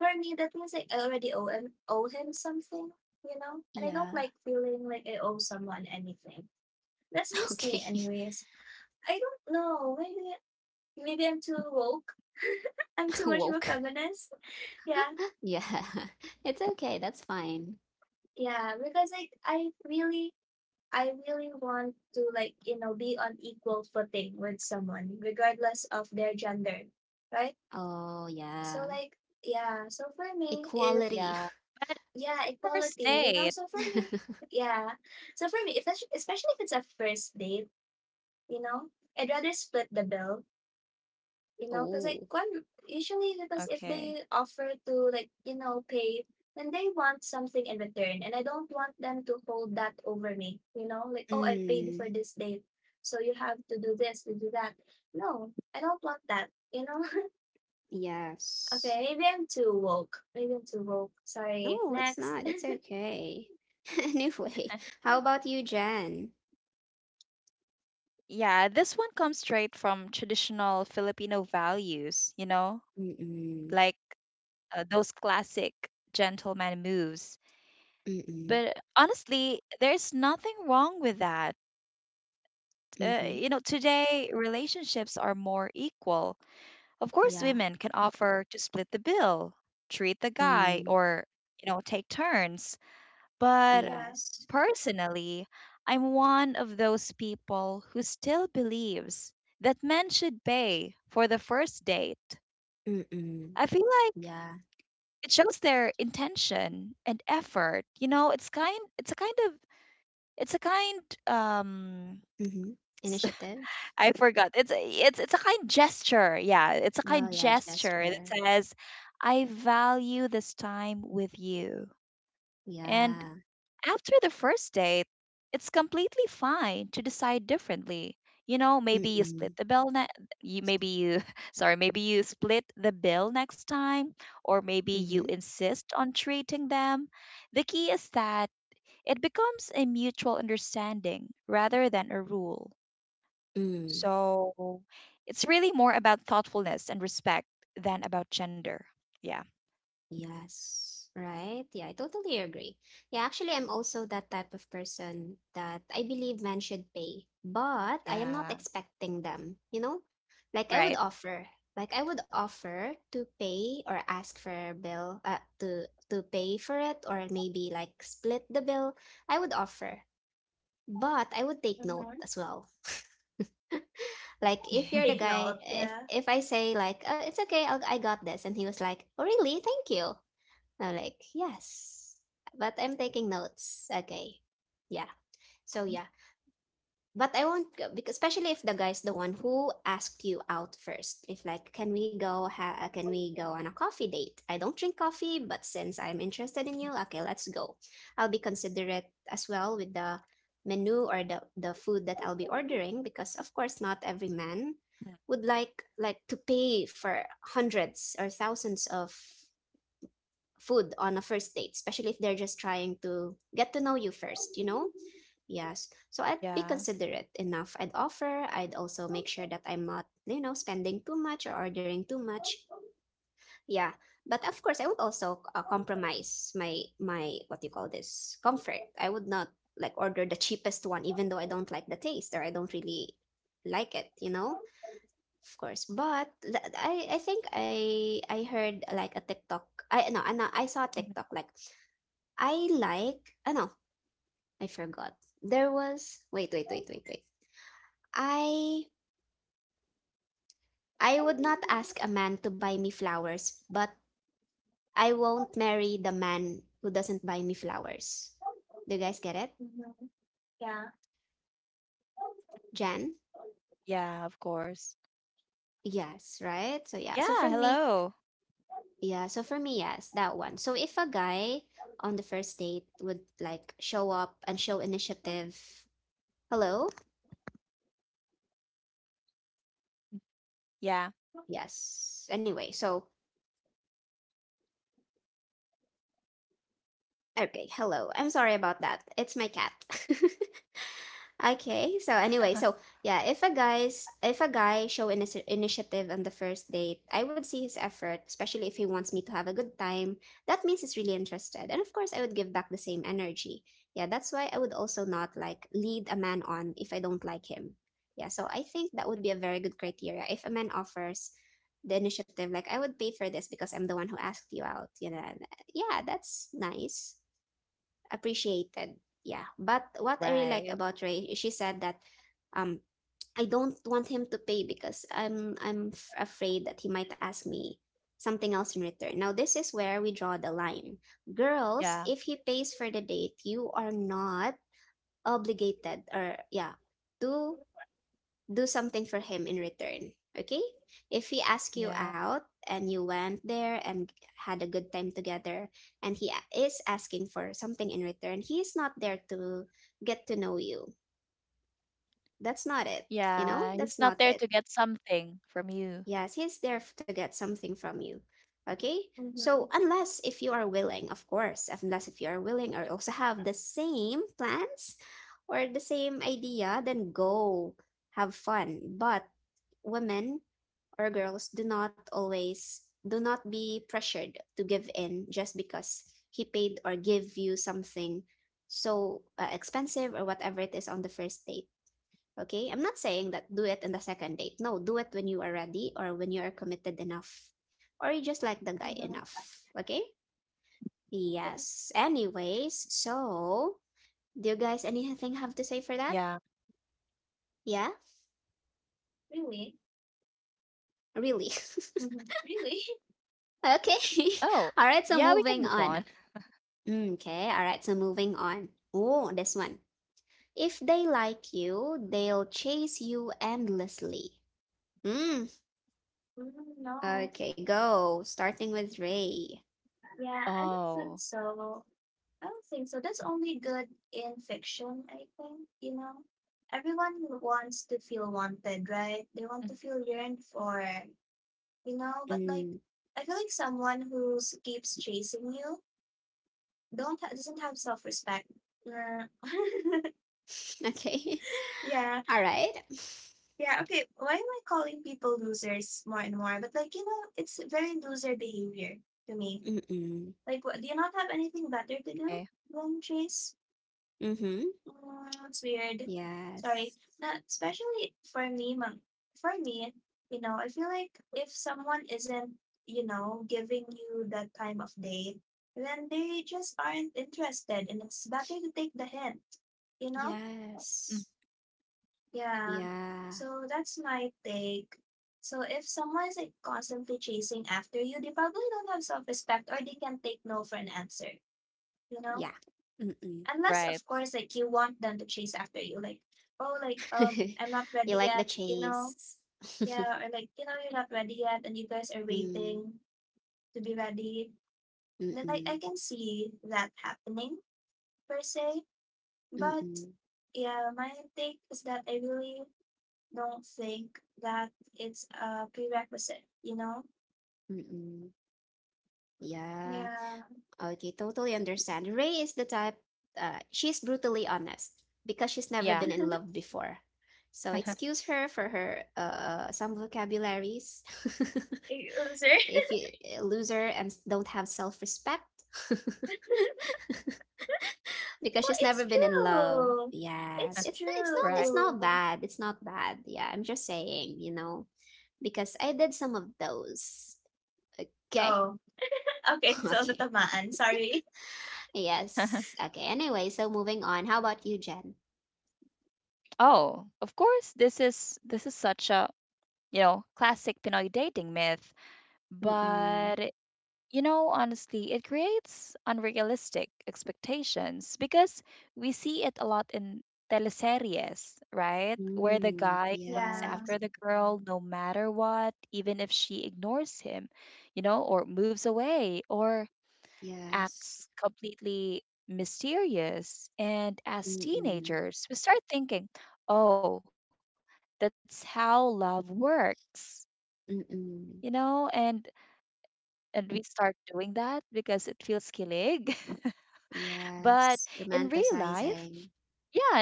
Speaker 3: for me that means like I already owe him something, you know? And I don't
Speaker 1: Yeah.
Speaker 3: like feeling like I owe someone anything. That's just me
Speaker 1: Okay.
Speaker 3: anyways. I don't know. Maybe I'm too woke. (laughs) I'm
Speaker 1: (laughs)
Speaker 3: too much of a
Speaker 1: Woke.
Speaker 3: feminist. Yeah.
Speaker 1: (laughs) yeah. It's okay. That's fine.
Speaker 3: Yeah. Because like I really want to like, you know, be on equal footing with someone, regardless of their gender. Right?
Speaker 1: Oh,
Speaker 3: So
Speaker 1: yeah.
Speaker 3: like yeah, so for me, if
Speaker 1: Equality.
Speaker 2: Yeah, but
Speaker 3: yeah,
Speaker 2: the first
Speaker 3: equality, you know,
Speaker 2: date.
Speaker 3: so for me,
Speaker 1: (laughs)
Speaker 3: yeah. So for me, if especially if it's a first date, you know, I'd rather split the bill. You know, because
Speaker 1: oh.
Speaker 3: like when usually because if they
Speaker 2: Okay.
Speaker 3: offer to like you know pay, then they want something in return, and I don't want them to hold that over me. You know, like oh, I paid
Speaker 1: Mm,
Speaker 3: for this date, so you have to do this, to do that. No, I don't want that. You know. (laughs) Okay,
Speaker 1: yes.
Speaker 3: maybe I'm too woke. Maybe I'm too woke. Sorry.
Speaker 1: No, it's
Speaker 3: Next.
Speaker 1: not. It's okay. (laughs) Anyway, how about you, Jen?
Speaker 2: Yeah, this one comes straight from traditional Filipino values, you know,
Speaker 1: Mm-mm.
Speaker 2: like those classic gentleman moves.
Speaker 1: Mm-mm.
Speaker 2: But honestly, there's nothing wrong with that.
Speaker 1: Mm-hmm.
Speaker 2: You know, today relationships are more equal. Of course,
Speaker 1: Yeah.
Speaker 2: women can offer to split the bill, treat the guy,
Speaker 1: Mm.
Speaker 2: or, you know, take turns.
Speaker 3: (laughs)
Speaker 2: But
Speaker 3: Yeah.
Speaker 1: Yes.
Speaker 2: personally, I'm one of those people who still believes that men should pay for the first date.
Speaker 1: Mm-mm.
Speaker 2: I feel like
Speaker 1: Yeah.
Speaker 2: it shows their intention and effort. You know, it's a kind, um
Speaker 1: Mhm. Initiative?
Speaker 2: I forgot. It's a kind gesture. Yeah, it's a kind
Speaker 1: Oh, yeah,
Speaker 2: gesture that
Speaker 1: gesture.
Speaker 2: says, "I value this time with you." And
Speaker 1: Yeah.
Speaker 2: after the first date, it's completely fine to decide differently. You know, maybe you
Speaker 1: Mm.
Speaker 2: split the bill. Ne- you maybe you (laughs) Sorry, maybe you split the bill next time, or maybe you
Speaker 1: Mhm.
Speaker 2: insist on treating them. The key is that it becomes a mutual understanding rather than a rule.
Speaker 1: Mm.
Speaker 2: So it's really more about thoughtfulness and respect than about gender. Yeah.
Speaker 1: Yes, right. Yeah, I totally agree. Yeah, actually, I'm also that type of person that I believe men should pay, but I am not
Speaker 2: Yeah,
Speaker 1: expecting them, you know? Like I would
Speaker 2: right.
Speaker 1: offer, like I would offer to pay or ask for a bill, to pay for it, or maybe like split the bill. I would offer, but I would take note
Speaker 3: Mm-hmm.
Speaker 1: as well. (laughs) Like if you're the
Speaker 2: (laughs)
Speaker 3: Take
Speaker 1: guy,
Speaker 3: note. Yeah.
Speaker 1: if I say like, oh, it's okay, I got this, and he was like, oh really? Thank you. And I'm like, yes, but I'm taking notes. Okay, yeah. So yeah, but I won't go because especially if the guy's the one who asked you out first. If like, can we go on a coffee date? I don't drink coffee, but since I'm interested in you, okay, let's go. I'll be considerate as well with the menu or the food that I'll be ordering, because of course not every
Speaker 2: Mhm.
Speaker 1: man would like to pay for hundreds or thousands of food on a first date, especially if they're just trying to get to know you first, you know? Yes. So I'd
Speaker 2: Yeah.
Speaker 1: be considerate enough. I'd offer. I'd also make sure that I'm not, you know, spending too much or ordering too much. Yeah. But of course, I would also compromise my what do you call this comfort. I would not like order the cheapest one, even though I don't like the taste or I don't really like it. You know, of course. But I think I
Speaker 2: Mhm.
Speaker 1: heard like a TikTok. I no, I no, I saw a TikTok like I know, I forgot. There was Wait, wait, wait, wait, wait. I I would not ask a man to buy me flowers, but I won't marry the man who doesn't buy me flowers. Do you guys get it?
Speaker 3: Mm-hmm. Yeah.
Speaker 2: Yeah, of
Speaker 1: Jan?
Speaker 2: course. Yeah.
Speaker 1: Yes,
Speaker 2: Hello.
Speaker 1: right? So, yeah. So for me, yes, that one. So if a guy on the first date would like show up and show initiative. Hello?
Speaker 2: Yeah.
Speaker 1: Yes. Anyway, so okay, hello. I'm sorry about that. It's my cat. (laughs) Okay. So
Speaker 2: (laughs)
Speaker 1: anyway, so yeah, if a guy show initiative on the first date, I would see his effort, especially if he wants me to have a good time. That means he's really interested. And of course, I would give back the same energy. Yeah, that's why I would also not like lead a man on if I don't like him. Yeah, so I think that would be a very good criteria. If a man offers the initiative, like I would pay for this because I'm the one who asked you out. And, yeah, that's nice, appreciated. Yeah. But what I really
Speaker 2: Right.
Speaker 1: like about Ray, she said that um (tsk) I don't want him to pay because I'm afraid that he might ask me something else in return. Now this is where we draw the line. Girls,
Speaker 2: Yeah,
Speaker 1: if he pays for the date, you are not obligated, or yeah, to do something for him in return. Okay? If he asks you
Speaker 2: yeah,
Speaker 1: out and you went there and had a good time together and he is asking for something in return, he's not there to get to know you. That's not it. You know?
Speaker 2: yeah. He's
Speaker 1: That's
Speaker 2: not
Speaker 1: not
Speaker 2: there
Speaker 1: it.
Speaker 2: to get something from you.
Speaker 1: Yes, he's there to get something from you. Okay?
Speaker 3: Mm-hmm.
Speaker 1: So, unless if you are willing, of course, unless if you are willing or also have the same plans or the same idea, then go have fun. But women or girls do not always, do not be pressured to give in just because he paid or give you something so expensive or whatever it is on the first date. Okay, I'm not saying that do it in the second date. No, do it when you are ready or when you are committed enough or you just like the guy
Speaker 3: Mm-hmm.
Speaker 1: enough. Okay? Yes, anyways, so
Speaker 2: Yeah.
Speaker 1: do you guys anything have to say for that? Yeah.
Speaker 3: Really?
Speaker 1: Really?
Speaker 3: Mm-hmm.
Speaker 2: Oh,
Speaker 3: Really?
Speaker 2: yeah. We
Speaker 3: (laughs)
Speaker 2: can move
Speaker 1: (laughs)
Speaker 2: on.
Speaker 1: Okay.
Speaker 2: (laughs)
Speaker 1: (laughs) All right, so moving on. Mm. Okay, all right, so moving on. Oh, this one. If they like you, they'll chase you endlessly. Mm.
Speaker 3: Mm, no.
Speaker 1: Okay, go. Starting with
Speaker 2: Oh,
Speaker 1: Ray.
Speaker 3: Yeah, I don't think so. I don't think so. That's only good in fiction, I think, you know. Everyone wants to feel
Speaker 2: mhm.
Speaker 3: wanted, right? They want to feel yearned for, you know, but like
Speaker 1: Mm.
Speaker 3: I feel like someone who keeps chasing you don't ha- doesn't have self-respect. Yeah. (laughs)
Speaker 1: (laughs) Okay.
Speaker 3: Yeah.
Speaker 1: (laughs) All right.
Speaker 3: Yeah, okay. Why am I calling people losers more and more? But like, you know, it's very loser behavior to me.
Speaker 1: Mm-mm.
Speaker 3: Like, what, do you not have anything
Speaker 2: Okay.
Speaker 3: better to do than chase.
Speaker 1: Mm-hmm.
Speaker 3: It's weird. Sorry.
Speaker 1: Yes.
Speaker 3: Not especially for me, for me, you know, I feel like if someone isn't, you know, giving you that time of day, then they just aren't interested and it's better to take the hint, you know?
Speaker 2: Mm.
Speaker 1: Yes.
Speaker 3: Yeah.
Speaker 1: Yeah.
Speaker 3: So that's my take. So if someone's like constantly chasing after you, they probably don't have self-respect or they can take no for an answer, you know?
Speaker 1: Yeah. Mm-mm.
Speaker 3: Unless
Speaker 2: Right.
Speaker 3: of course like you want them to chase after you, like, oh like
Speaker 1: (laughs)
Speaker 3: I'm not
Speaker 1: You
Speaker 3: ready
Speaker 1: like the
Speaker 3: yet, you know?
Speaker 1: chase. (laughs)
Speaker 3: Yeah, or like, you know, you're not ready yet and you guys are
Speaker 1: Mm.
Speaker 3: waiting to be ready. Then like I
Speaker 1: Mm-mm.
Speaker 3: can see that happening per se. But
Speaker 1: Mm-mm.
Speaker 3: yeah, my take is that I really don't think that it's a prerequisite, you know?
Speaker 1: Mm-mm. Yeah.
Speaker 3: Yeah.
Speaker 1: Okay, totally understand. Ray is the type, she's brutally honest because she's never
Speaker 2: Yeah.
Speaker 1: been in
Speaker 3: (laughs)
Speaker 1: love before. So excuse
Speaker 2: (laughs)
Speaker 1: her for her some vocabularies. (laughs)
Speaker 3: Oh, sorry.
Speaker 1: If
Speaker 3: (laughs)
Speaker 1: you loser and don't have self-respect (laughs) because
Speaker 3: Well,
Speaker 1: she's never
Speaker 3: it's
Speaker 1: been in love.
Speaker 3: true.
Speaker 1: Yes.
Speaker 3: It's
Speaker 1: It's it's not
Speaker 2: Right.
Speaker 1: it's not
Speaker 3: true.
Speaker 1: bad. It's not bad. Yeah, I'm just saying, because I did some of those. Okay. (laughs)
Speaker 3: Oh, okay, so
Speaker 1: Okay.
Speaker 3: natamaan, sorry.
Speaker 2: (laughs)
Speaker 1: Yes. Okay. Anyway, so moving on. How about you, Jen?
Speaker 2: Oh, of course, this is such a, you know, classic Pinoy dating myth,
Speaker 1: Mm.
Speaker 2: but you know, honestly, it creates unrealistic expectations because we see it a lot in teleseries, right? Where the
Speaker 1: Mm.
Speaker 2: guy runs
Speaker 3: Yeah,
Speaker 2: after
Speaker 1: Yes.
Speaker 2: the girl no matter what, even if she ignores him, you know, or moves away, or
Speaker 1: Yes.
Speaker 2: acts completely mysterious. And as
Speaker 1: Mm.
Speaker 2: teenagers, we start thinking, oh, that's how love works, you know,
Speaker 1: Mm.
Speaker 2: and we start doing that because it feels kilig. (laughs) But in
Speaker 1: Yes.
Speaker 2: real life,
Speaker 1: Romanticizing.
Speaker 2: yeah, not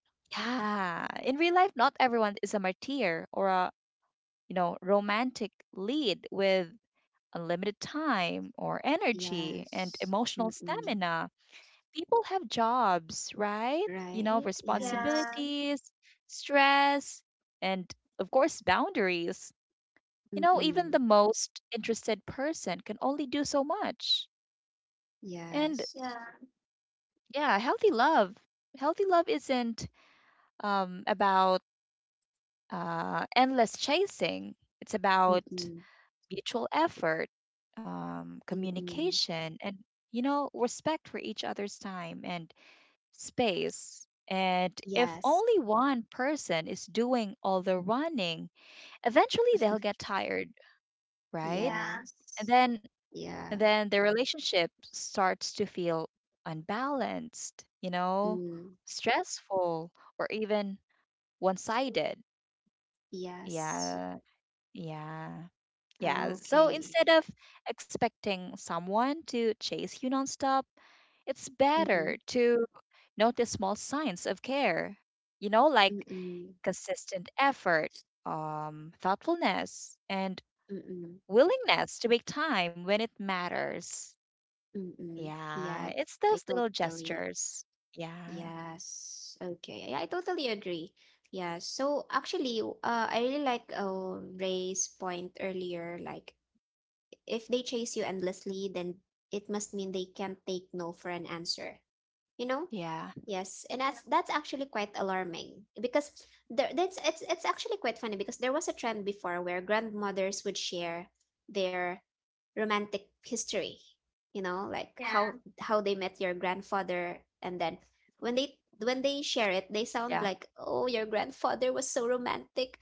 Speaker 2: yeah. In real life, not everyone is a martyr or a, you know, romantic lead with unlimited time or energy and
Speaker 1: Yes.
Speaker 2: emotional
Speaker 1: Mm.
Speaker 2: stamina. People have jobs, right? You know,
Speaker 1: Right? Yes.
Speaker 3: yeah,
Speaker 2: responsibilities, stress, and of course, boundaries. You know, even the
Speaker 1: Mm.
Speaker 2: most interested person can only do so much. And
Speaker 1: Yes.
Speaker 3: yeah,
Speaker 2: yeah, healthy love. Healthy love isn't about endless chasing, it's about
Speaker 1: Mm.
Speaker 2: mutual effort,
Speaker 1: Mm.
Speaker 2: communication, and, you know, respect for each other's time and space. And if
Speaker 1: Yes.
Speaker 2: only one person is doing all the running, eventually they'll
Speaker 1: (laughs)
Speaker 2: get tired, right?
Speaker 3: yeah,
Speaker 2: And
Speaker 1: Yes.
Speaker 2: then and
Speaker 1: Yeah.
Speaker 2: then the relationship starts to feel unbalanced, you know,
Speaker 1: Mm.
Speaker 2: stressful or even one-sided.
Speaker 1: Yes.
Speaker 2: Yeah. Yeah. Yeah. So
Speaker 1: Okay.
Speaker 2: instead of expecting someone to chase you nonstop, it's
Speaker 1: Mm-hmm.
Speaker 2: better to notice small signs of care. You know, like
Speaker 1: Mm-mm.
Speaker 2: consistent effort, thoughtfulness, and
Speaker 1: Mm-mm.
Speaker 2: willingness to make time when it matters.
Speaker 1: Mm-mm. Yeah,
Speaker 2: Yeah, it's
Speaker 1: I
Speaker 2: those little
Speaker 1: totally
Speaker 2: gestures. Yeah,
Speaker 1: Yes. Okay. Yeah, I totally agree. Yeah. So actually, I really like Ray's point earlier. Like, if they chase you endlessly, then it must mean they can't take no for an answer you know
Speaker 2: yeah,
Speaker 1: yes, and that's actually quite alarming because there that's it's actually quite funny because there was a trend before where grandmothers would share their romantic history, like
Speaker 3: yeah,
Speaker 1: how they met your grandfather. And then when they when they share it,
Speaker 2: yeah.
Speaker 1: they sound like, oh, your grandfather was so romantic.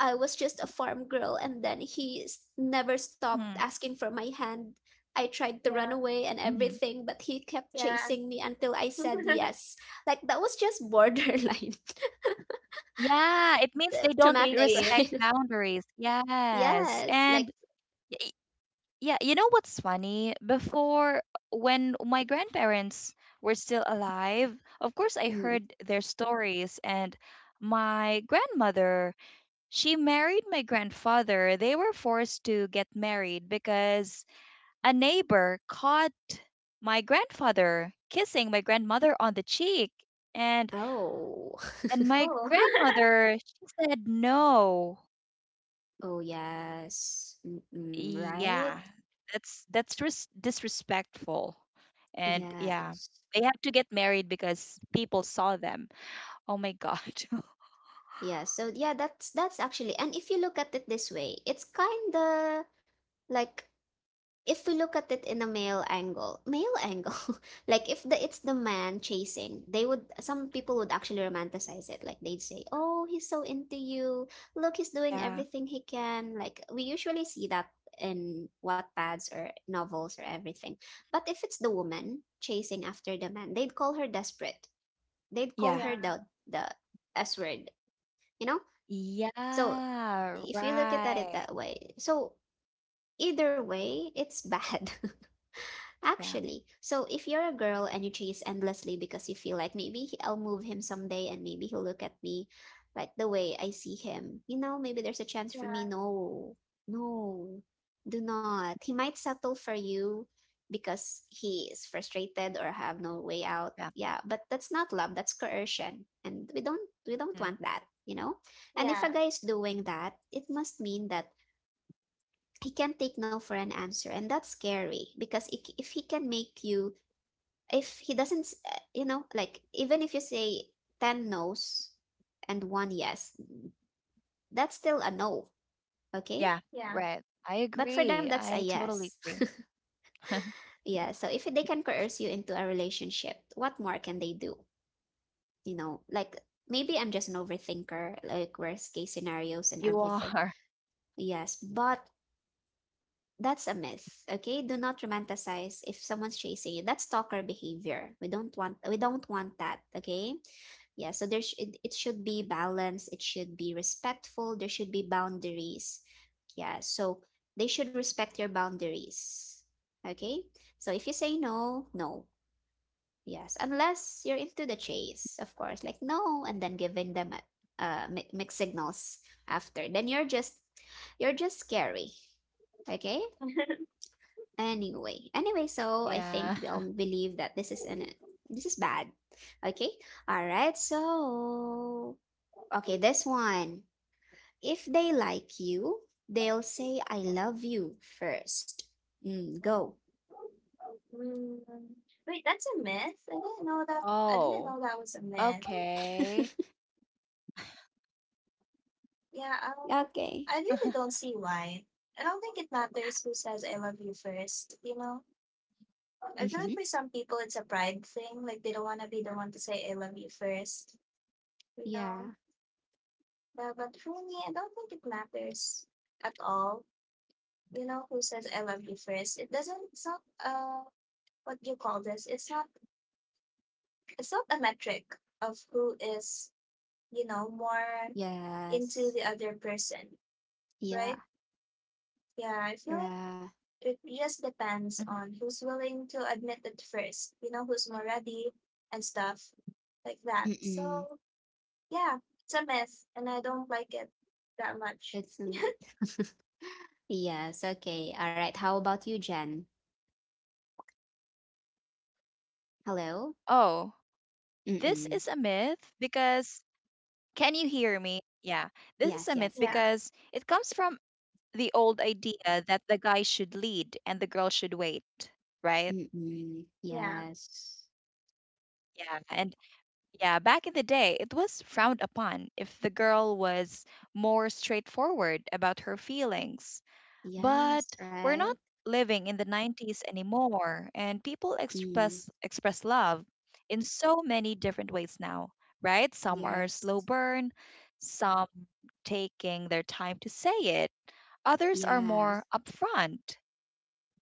Speaker 1: I was just a farm girl, and then he never
Speaker 2: Mm,
Speaker 1: stopped asking for my hand. I tried to run
Speaker 3: yeah,
Speaker 1: away and
Speaker 2: mhm.
Speaker 1: everything, but he kept
Speaker 3: yeah.
Speaker 1: chasing me until I said
Speaker 3: (laughs)
Speaker 1: yes. Like, that was just borderline
Speaker 2: Yeah, it means they
Speaker 1: (laughs)
Speaker 2: don't
Speaker 1: traumatic,
Speaker 3: Creepy.
Speaker 2: respect
Speaker 1: right?
Speaker 2: boundaries.
Speaker 1: (laughs)
Speaker 2: Yes.
Speaker 1: Yes. Like,
Speaker 2: And y- yeah, you know what's funny? Before, when my grandparents were still alive, of course, I
Speaker 1: Mm.
Speaker 2: heard their stories, and my grandmother she married my grandfather. They were forced to get married because a neighbor caught my grandfather kissing my grandmother on the cheek. And
Speaker 1: Oh.
Speaker 2: and
Speaker 1: (laughs)
Speaker 2: my
Speaker 3: Oh, (laughs)
Speaker 2: grandmother, she said no.
Speaker 1: Oh, yes. Mm-mm, right?
Speaker 2: Yeah. That's disrespectful. And yeah,
Speaker 1: Yes.
Speaker 2: they have to get married because people saw them. Oh my god.
Speaker 1: Yeah, so yeah, that's actually, and if you look at it this way, it's kind of like, if we look at it in a male angle, (laughs) like if the it's the man chasing, they would some people would actually romanticize it. Like they'd say, "Oh, he's so into you. Look, he's
Speaker 2: (laughs)
Speaker 1: doing
Speaker 2: Yeah.
Speaker 1: everything he can." Like we usually see that in Wattpads or novels or everything. But if it's the woman chasing after the man, they'd call her desperate. They'd call
Speaker 2: Yeah.
Speaker 1: her
Speaker 3: yeah,
Speaker 1: the S word, you know? So
Speaker 2: Yeah,
Speaker 1: if you look at it
Speaker 2: right.
Speaker 1: that way, so either way, it's bad. (laughs)
Speaker 2: Yeah.
Speaker 1: Actually, so if you're a girl and you chase endlessly because you feel like maybe I'll move him someday and maybe he'll look at me like the way I see him, maybe there's a chance for
Speaker 3: yeah,
Speaker 1: me. No, no, do not. He might settle for you because he is frustrated or have no way out.
Speaker 2: Yeah.
Speaker 1: Yeah, but that's not love, that's coercion. And we don't
Speaker 2: Mm.
Speaker 1: want that, you know? And if
Speaker 3: yeah,
Speaker 1: a guy is doing that, it must mean that he can take no for an answer, and that's scary because if he can make you, if he doesn't you know, like, even if you say 10 no's and one yes, that's still a no. Okay?
Speaker 2: Yeah,
Speaker 3: yeah.
Speaker 2: right. I
Speaker 1: But for them,
Speaker 2: agree.
Speaker 1: that's a
Speaker 2: I
Speaker 1: yes.
Speaker 2: totally agree. (laughs)
Speaker 1: (laughs) Yeah, so if they can coerce you into a relationship, what more can they do? Like, maybe I'm just an overthinker, like worst case scenarios and
Speaker 2: You
Speaker 1: everything.
Speaker 2: are.
Speaker 1: Yes, but that's a myth. Okay? Do not romanticize. If someone's chasing you, that's stalker behavior. We don't want we don't want that. Okay? Yeah, so it should be balanced, it should be respectful, there should be boundaries. Yeah, so they should respect your boundaries. Okay? So if you say no, no. Yes, unless you're into the chase, of course. Like, no and then giving them mixed signals after, then you're just scary. Okay?
Speaker 3: (laughs)
Speaker 1: Anyway, anyway, so I
Speaker 2: Yeah.
Speaker 1: think we
Speaker 2: (laughs)
Speaker 1: all believe that this is bad. Okay? All right. So, okay, this one. If they like you, they'll say I love you first. Mm, go. (laughs)
Speaker 3: Mm, wait, that's a myth? I
Speaker 2: Oh,
Speaker 3: didn't know that I didn't know that was a
Speaker 2: okay.
Speaker 3: myth. Yeah,
Speaker 2: (laughs)
Speaker 1: Okay.
Speaker 3: I really don't see why. I don't think it matters who says I love you first, you know? I feel
Speaker 1: Mm-hmm.
Speaker 3: like for some people it's a pride thing, like they don't want to be the one to say I love you first, you know?
Speaker 1: Yeah.
Speaker 3: But for me, I don't think it matters at all, you know, who says I love you first. It doesn't, it's not, what do you call this, it's not a metric of who is, you know, more into
Speaker 1: Yes.
Speaker 3: the other person,
Speaker 1: Yeah.
Speaker 3: right? Yeah, I feel like
Speaker 1: Ra.
Speaker 3: it just depends
Speaker 2: Mhm.
Speaker 3: on who's willing to admit it first, you know, who's more ready and stuff like that.
Speaker 1: Mm-mm.
Speaker 3: So, yeah, it's a myth and I don't like it that much.
Speaker 1: It's a myth. (laughs) Yes. Okay. All right. How about you, Jen? Hello?
Speaker 2: Oh, this
Speaker 1: Mm-mm.
Speaker 2: is a myth because, can you hear me? Yeah, this is
Speaker 1: Yes,
Speaker 2: a myth
Speaker 1: yes, yes.
Speaker 3: Yeah,
Speaker 2: because it comes from the old idea that the guy should lead and the girl should wait, right?
Speaker 1: Mm.
Speaker 3: yeah.
Speaker 1: Yes.
Speaker 2: Yeah, and yeah, back in the day, it was frowned upon if the girl was more straightforward about her feelings. But
Speaker 1: Yes,
Speaker 2: we're
Speaker 1: right?
Speaker 2: not living in the 90s anymore, and people
Speaker 1: Mm.
Speaker 2: express love in so many different ways now, right? Some are
Speaker 1: Yes.
Speaker 2: slow burn, some taking their time to say it, others are
Speaker 1: Yeah.
Speaker 2: more upfront.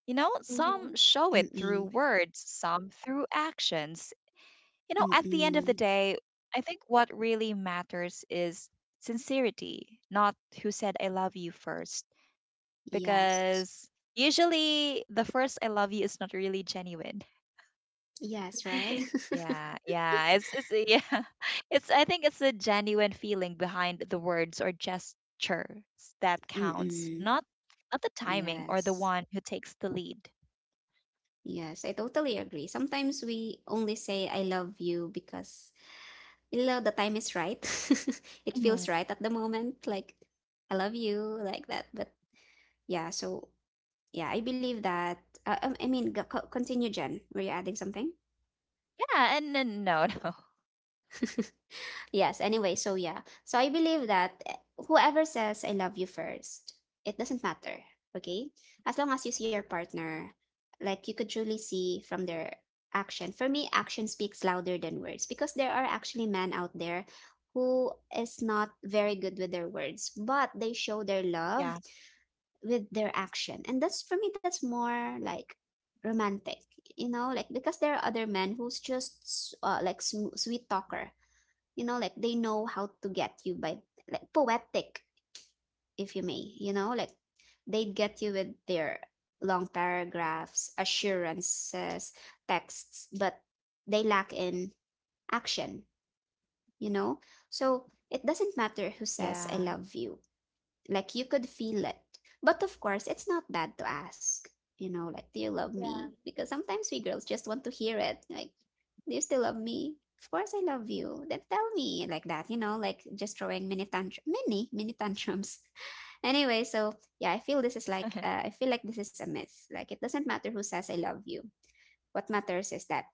Speaker 2: You know, some
Speaker 3: Mm-hmm.
Speaker 2: show it through
Speaker 1: Mm-mm.
Speaker 2: words, some through actions. You know, at the end of the
Speaker 1: Mm-mm.
Speaker 2: day, I think what really matters is sincerity, not who said I love you first,
Speaker 1: Yes.
Speaker 2: because usually the first I love you is not really genuine.
Speaker 1: Yes, right?
Speaker 3: (laughs)
Speaker 2: Yeah, yeah. It's yeah. (laughs) It's I think it's a genuine feeling behind the words or gestures that
Speaker 1: (laughs)
Speaker 2: counts,
Speaker 1: Mm-mm.
Speaker 2: not the timing or the
Speaker 1: Yes.
Speaker 2: one who takes the lead.
Speaker 1: Yes, I totally agree. Sometimes we only say I love you because you know the time is right. (laughs) It feels
Speaker 2: Mhm.
Speaker 1: right at the moment, like I love you, like that. But yeah, so yeah, I believe that. I mean, continue, Jen. Were you adding something?
Speaker 2: Yeah, and no, (laughs) no.
Speaker 1: Yes, anyway, so yeah. So I believe that, whoever says I love you first, it doesn't matter, okay? As long as you see your partner, like you could truly see from their action. For me, action speaks louder than words because there are actually men out there who is not very good with their words, but they show their
Speaker 2: Yeah.
Speaker 1: love with their action. And that's, for me, that's more like romantic, like because there are other men who's just like sweet talker, like they know how to get you by, like, poetic, if you may, like they get you with their long paragraphs, assurances, texts, but they lack in action, you know so it doesn't matter who
Speaker 2: Yeah.
Speaker 1: says I love you. Like, you could feel it. But of course, it's not bad to ask, like, do you love me?
Speaker 3: Yeah.
Speaker 1: Because sometimes we girls just want to hear it. Like, do you still love me? Of course I love you. Then tell me like that, like just throwing mini tantrum, mini, mini tantrums. (laughs) Anyway, so yeah,
Speaker 2: (laughs)
Speaker 1: I feel like this is a myth. Like, it doesn't matter who says I love you. What matters is that,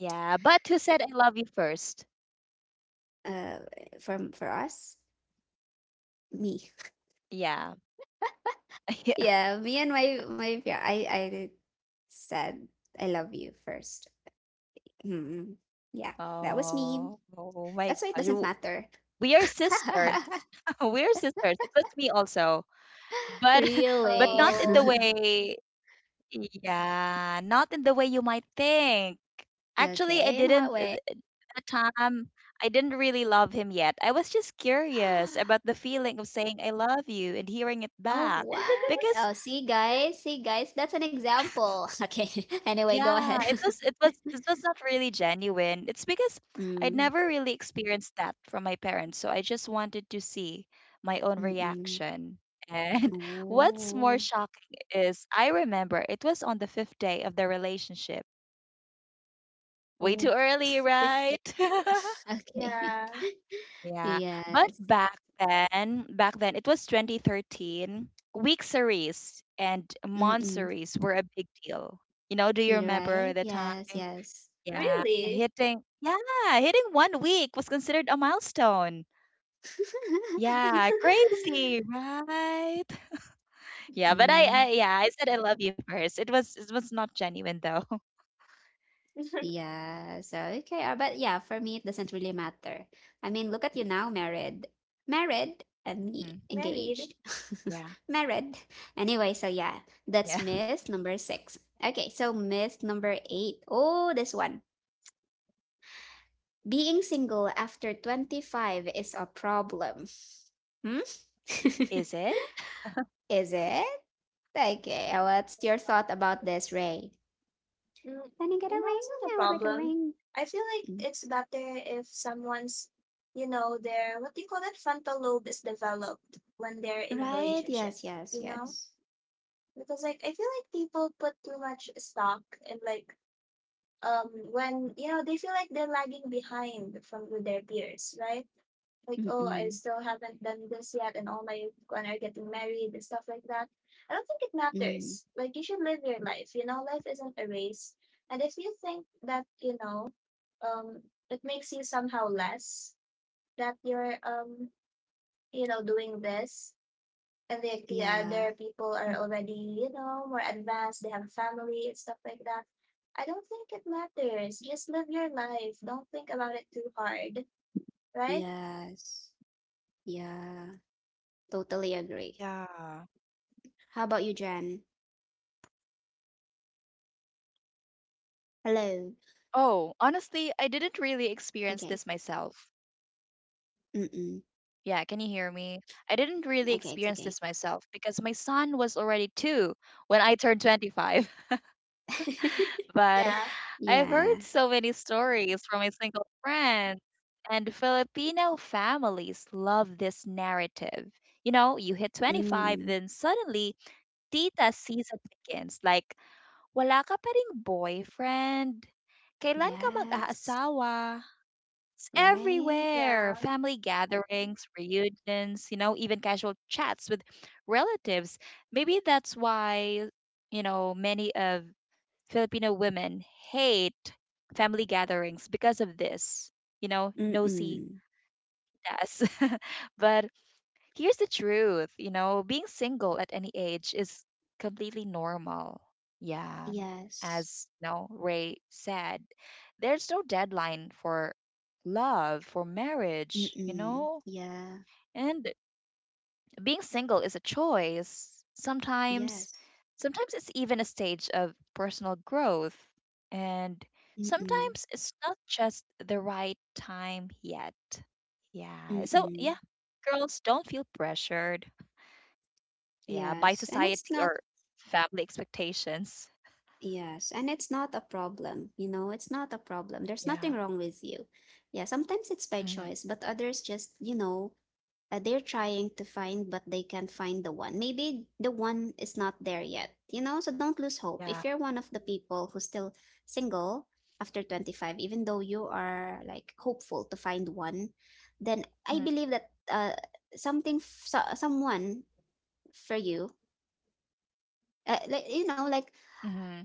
Speaker 2: Yeah, but who said I love you first?
Speaker 1: uh, for, us, me. (laughs)
Speaker 2: Yeah. (laughs) Yeah.
Speaker 1: Yeah, me and yeah, I said I love you first. Mm, yeah, that was me.
Speaker 2: Oh, oh my
Speaker 1: That's why it
Speaker 2: gosh.
Speaker 1: doesn't matter.
Speaker 2: We are sisters.
Speaker 1: (laughs)
Speaker 2: (laughs) We are sisters. It was me also. But (laughs) but
Speaker 1: Really?
Speaker 2: not in the
Speaker 3: Oh,
Speaker 1: (laughs)
Speaker 2: way, yeah, not in the way you might think. Actually, I
Speaker 1: Okay, in what
Speaker 2: didn't
Speaker 1: way?
Speaker 2: th- at time I didn't really love him yet, I was just curious
Speaker 1: (gasps)
Speaker 2: about the feeling of saying I love you and hearing it
Speaker 1: Oh,
Speaker 2: back,
Speaker 1: what?
Speaker 2: because
Speaker 1: Oh, see, guys, that's an example. (laughs) Okay. (laughs) Anyway, go
Speaker 2: Yeah,
Speaker 1: ahead.
Speaker 2: it was
Speaker 1: (laughs)
Speaker 2: it was it was not really genuine. It's because I'd
Speaker 1: Mm.
Speaker 2: never really experienced that from my parents, so I just wanted to see my own
Speaker 1: Mm-mm.
Speaker 2: reaction. And (laughs) what's more
Speaker 1: Oh,
Speaker 2: shocking is I remember it was on the fifth day of the relationship. Way too
Speaker 1: oh. (laughs)
Speaker 2: early,
Speaker 1: 50.
Speaker 2: right? (laughs)
Speaker 1: (laughs) Okay.
Speaker 3: yeah.
Speaker 1: (laughs)
Speaker 2: Yeah, but
Speaker 1: Yes.
Speaker 2: back then, it was 2013. Week series and month
Speaker 1: Mm-mm.
Speaker 2: series were a big deal. You know, do you
Speaker 1: You're right.
Speaker 2: remember the time?
Speaker 1: Yes, yes.
Speaker 2: Yeah,
Speaker 3: Really?
Speaker 2: hitting yeah, hitting 1 week was considered a milestone.
Speaker 1: (laughs)
Speaker 2: Yeah, crazy, right? Yeah, but I, I
Speaker 1: Mm.
Speaker 2: yeah, I said I love you first. It was not genuine though. (laughs)
Speaker 3: (laughs)
Speaker 1: Yeah, so okay, but yeah, for me it doesn't really matter. I mean, look at you now, married,
Speaker 2: Mhm.
Speaker 1: and me
Speaker 3: Married?
Speaker 1: engaged,
Speaker 2: Yeah,
Speaker 1: (laughs) married. Anyway, so yeah,
Speaker 2: yeah.
Speaker 1: that's myth number six. Okay, so myth number eight. Oh, this one. Being single after 25 is a problem. Hmm? (laughs)
Speaker 2: Is it?
Speaker 1: Is it? Okay, what's your thought about this, Ray?
Speaker 3: Mm,
Speaker 1: Can you get a
Speaker 3: no,
Speaker 1: ring?
Speaker 3: it's not a
Speaker 1: I would like a
Speaker 3: problem.
Speaker 1: ring.
Speaker 3: I feel like
Speaker 1: Mm.
Speaker 3: it's better if someone's, you know, their, what do you call that, frontal lobe is developed when they're in a
Speaker 1: Right?
Speaker 3: relationship,
Speaker 1: Yes, yes,
Speaker 3: you know?
Speaker 1: yes.
Speaker 3: Because, like, I feel like people put too much stock in, like, when, you know, they feel like they're lagging behind from with their peers, right? Like, oh, I
Speaker 1: Mm-mm.
Speaker 3: still haven't done this yet, and all my when are getting married and stuff like that. I don't think it
Speaker 1: Mm,
Speaker 3: matters. Like you should live your life. You know, life isn't a race. And if you think that you know, um, it makes you somehow less that you know, doing this,
Speaker 2: Mhm.
Speaker 3: and the other
Speaker 1: yeah,
Speaker 3: people are already you know more advanced. They have family and stuff like that. I don't think it matters. Just live your life. Don't think about it too hard, right?
Speaker 1: yes, yeah,
Speaker 2: Yeah.
Speaker 1: totally agree. How about you, Jen?
Speaker 2: Oh,
Speaker 1: Hello.
Speaker 2: honestly, I didn't really experience this myself.
Speaker 1: Okay. Mm-mm.
Speaker 2: Yeah, can you hear me? I didn't really experience
Speaker 1: Okay,
Speaker 2: this
Speaker 1: it's okay.
Speaker 2: myself because my son was already 2 when I turned 25. (laughs)
Speaker 1: (laughs)
Speaker 2: But
Speaker 3: Yeah.
Speaker 2: I've heard
Speaker 1: Yeah.
Speaker 2: so many stories from my single friends, and Filipino families love this narrative. You know, you hit 25,
Speaker 1: Mm,
Speaker 2: then suddenly tita season begins. Like, wala ka pa ring boyfriend? Kailan ka
Speaker 1: yes,
Speaker 2: mag-aasawa? It's
Speaker 1: right?
Speaker 3: Yeah.
Speaker 2: everywhere. Family gatherings, reunions, you know, even casual chats with relatives. Maybe that's why, you know, many of Filipino women hate family gatherings because of this, you know, nosy
Speaker 1: Mm-mm.
Speaker 2: das. (laughs) but Here's the truth, you know, being single at any age is completely normal. Yeah.
Speaker 1: Yes.
Speaker 2: As you know, Ray said, there's no deadline for love, for marriage, you
Speaker 1: Mm-mm.
Speaker 2: know?
Speaker 1: Yeah,
Speaker 2: And being single is a choice. Sometimes
Speaker 1: yes.
Speaker 2: sometimes it's even a stage of personal growth. And
Speaker 1: Mm-mm.
Speaker 2: sometimes it's not just the right time yet. Yeah. So yeah,
Speaker 1: Mm-mm.
Speaker 2: girls, don't feel pressured, yeah, by
Speaker 1: Yes. And it's
Speaker 2: society
Speaker 1: not
Speaker 2: or family expectations.
Speaker 1: Yes, and it's not a problem. You know, it's not a problem. There's
Speaker 2: Yeah.
Speaker 1: nothing wrong with you. Yeah, sometimes it's by
Speaker 2: Mm-hmm.
Speaker 1: choice, but others just, you know, they're trying to find, but they can't find the one. Maybe the one is not there yet, you know? So don't lose hope. If
Speaker 2: Yeah.
Speaker 1: you're one of the people who's still single after 25, even though you are like hopeful to find one, then I believe that something, someone for you, like, you know, like
Speaker 2: Mm-hmm.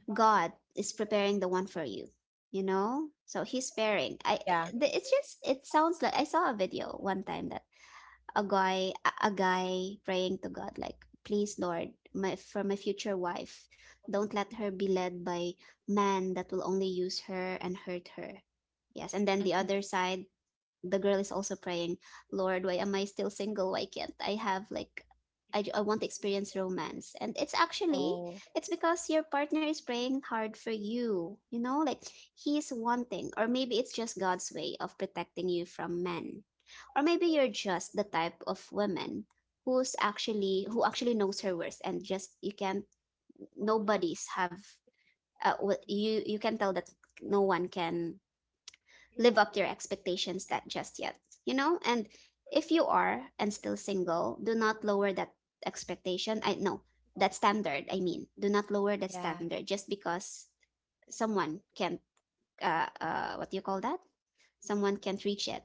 Speaker 1: God is preparing the one for you, you know? So he's sparing.
Speaker 2: Yeah.
Speaker 1: It's just it sounds like I saw a video one time that a guy praying to God like, "Please Lord, my future wife, don't let her be led by man that will only use her and hurt her." Yes, and then the other
Speaker 2: Mm-hmm.
Speaker 1: side the girl is also praying, Lord, why am I still single? Why can't I have like I want to experience romance, and it's actually it's
Speaker 2: Oh,
Speaker 1: because your partner is praying hard for you, you know, like he's wanting, or maybe it's just God's way of protecting you from men, or maybe you're just the type of woman who actually knows her worth, and just you can't nobody's have what you can tell that no one can live up to your expectations that just yet, you know? And if you are and still single, do not lower that expectation. I mean, do not lower that standard just
Speaker 2: yeah.
Speaker 1: because someone can't what do you call that? Someone can't reach it.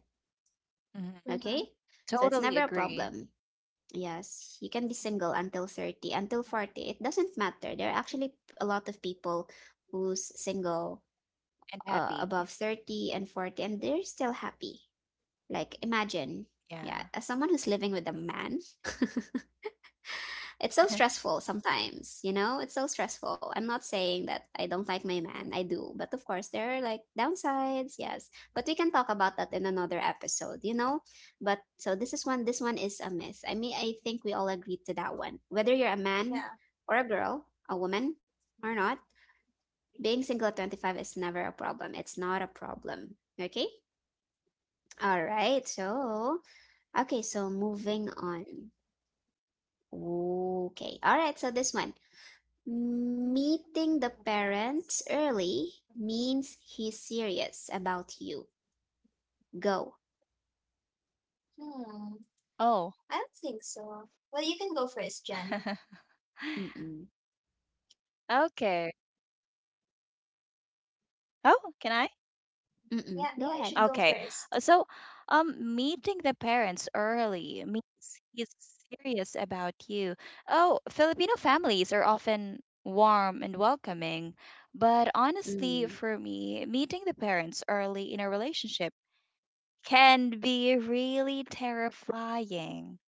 Speaker 1: Okay?
Speaker 3: Mm-hmm.
Speaker 2: Mm-hmm.
Speaker 1: So it's never a problem.
Speaker 2: Totally agree
Speaker 1: Yes, you can be single until 30, until 40. It doesn't matter. There are actually a lot of people who's single above
Speaker 2: and
Speaker 1: 30 and
Speaker 2: happy.
Speaker 1: 40 and they're still happy. Like, imagine, yeah, as someone who's
Speaker 2: Yeah.
Speaker 1: living with a man, it's so stressful
Speaker 2: (laughs)
Speaker 1: sometimes, you know? It's so stressful. I'm not saying that I don't like my man, I do. But of course, there are like downsides, yes. But we can talk about that in another episode, you know? But so this is one, this one is a myth. I mean, I think we all agreed to that one. Whether you're a man
Speaker 3: Yeah.
Speaker 1: or a girl, a woman or not, being single at 25 is never a problem. It's not a problem. Okay? All right. So, okay, so moving on. Okay. All right. So this one. Meeting the parents early means he's serious about you. Go.
Speaker 3: Hmm.
Speaker 2: Oh.
Speaker 3: I don't think so. Well, you can go first, Jen.
Speaker 2: (laughs)
Speaker 1: Mm-mm.
Speaker 2: Okay. Oh, can I?
Speaker 1: Mm-mm.
Speaker 3: Yeah,
Speaker 1: Go
Speaker 3: yeah, you
Speaker 1: ahead.
Speaker 3: should go
Speaker 2: Okay.
Speaker 3: first.
Speaker 2: So, meeting the parents early means he's serious about you. Oh, Filipino families are often warm and welcoming, but honestly,
Speaker 1: Mm.
Speaker 2: for me, meeting the parents early in a relationship can be really terrifying.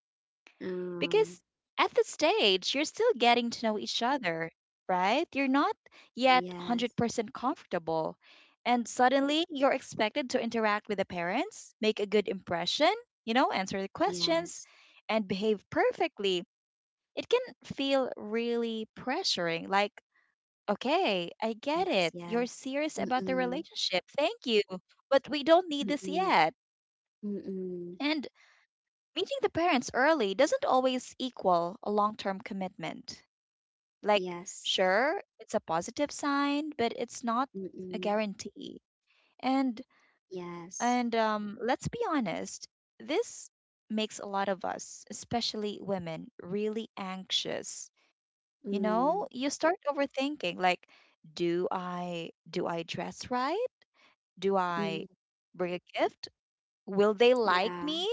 Speaker 1: Mm.
Speaker 2: Because at this stage, you're still getting to know each other, right? You're not yet
Speaker 1: Yes.
Speaker 2: 100% comfortable. And suddenly, you're expected to interact with the parents, make a good impression, you know, answer the questions,
Speaker 1: Yes.
Speaker 2: and behave perfectly. It can feel really pressuring. Like, okay, I get
Speaker 1: Yes.
Speaker 2: it. You're
Speaker 1: Yes.
Speaker 2: serious about the
Speaker 1: Mm-mm.
Speaker 2: relationship. Thank you. But we don't need this
Speaker 1: Mm-mm.
Speaker 2: yet.
Speaker 1: Mm-mm.
Speaker 2: And meeting the parents early doesn't always equal a long term commitment. Like,
Speaker 1: Yes.
Speaker 2: sure, it's a positive sign, but it's not a
Speaker 1: Mm-mm.
Speaker 2: guarantee. And
Speaker 1: Yes.
Speaker 2: and let's be honest, this makes a lot of us, especially women, really anxious. You
Speaker 1: Mm.
Speaker 2: know, you start overthinking like, do I dress right? Do
Speaker 1: Mm.
Speaker 2: I bring a gift? Will they like
Speaker 1: Yeah.
Speaker 2: me?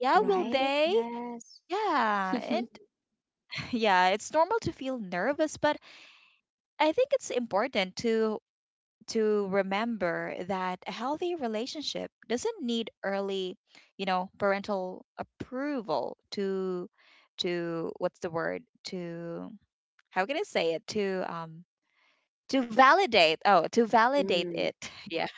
Speaker 2: Yeah, will
Speaker 1: Right?
Speaker 3: Mm-hmm.
Speaker 2: they?
Speaker 1: Yes.
Speaker 2: Yeah,
Speaker 1: (laughs)
Speaker 2: and. Yeah, it's normal to feel nervous, but I think it's important to remember that a healthy relationship doesn't need early, you know, parental approval to what's the word? To how can I say it? To validate. Oh, to validate
Speaker 1: Mm.
Speaker 2: it. (laughs) Yeah.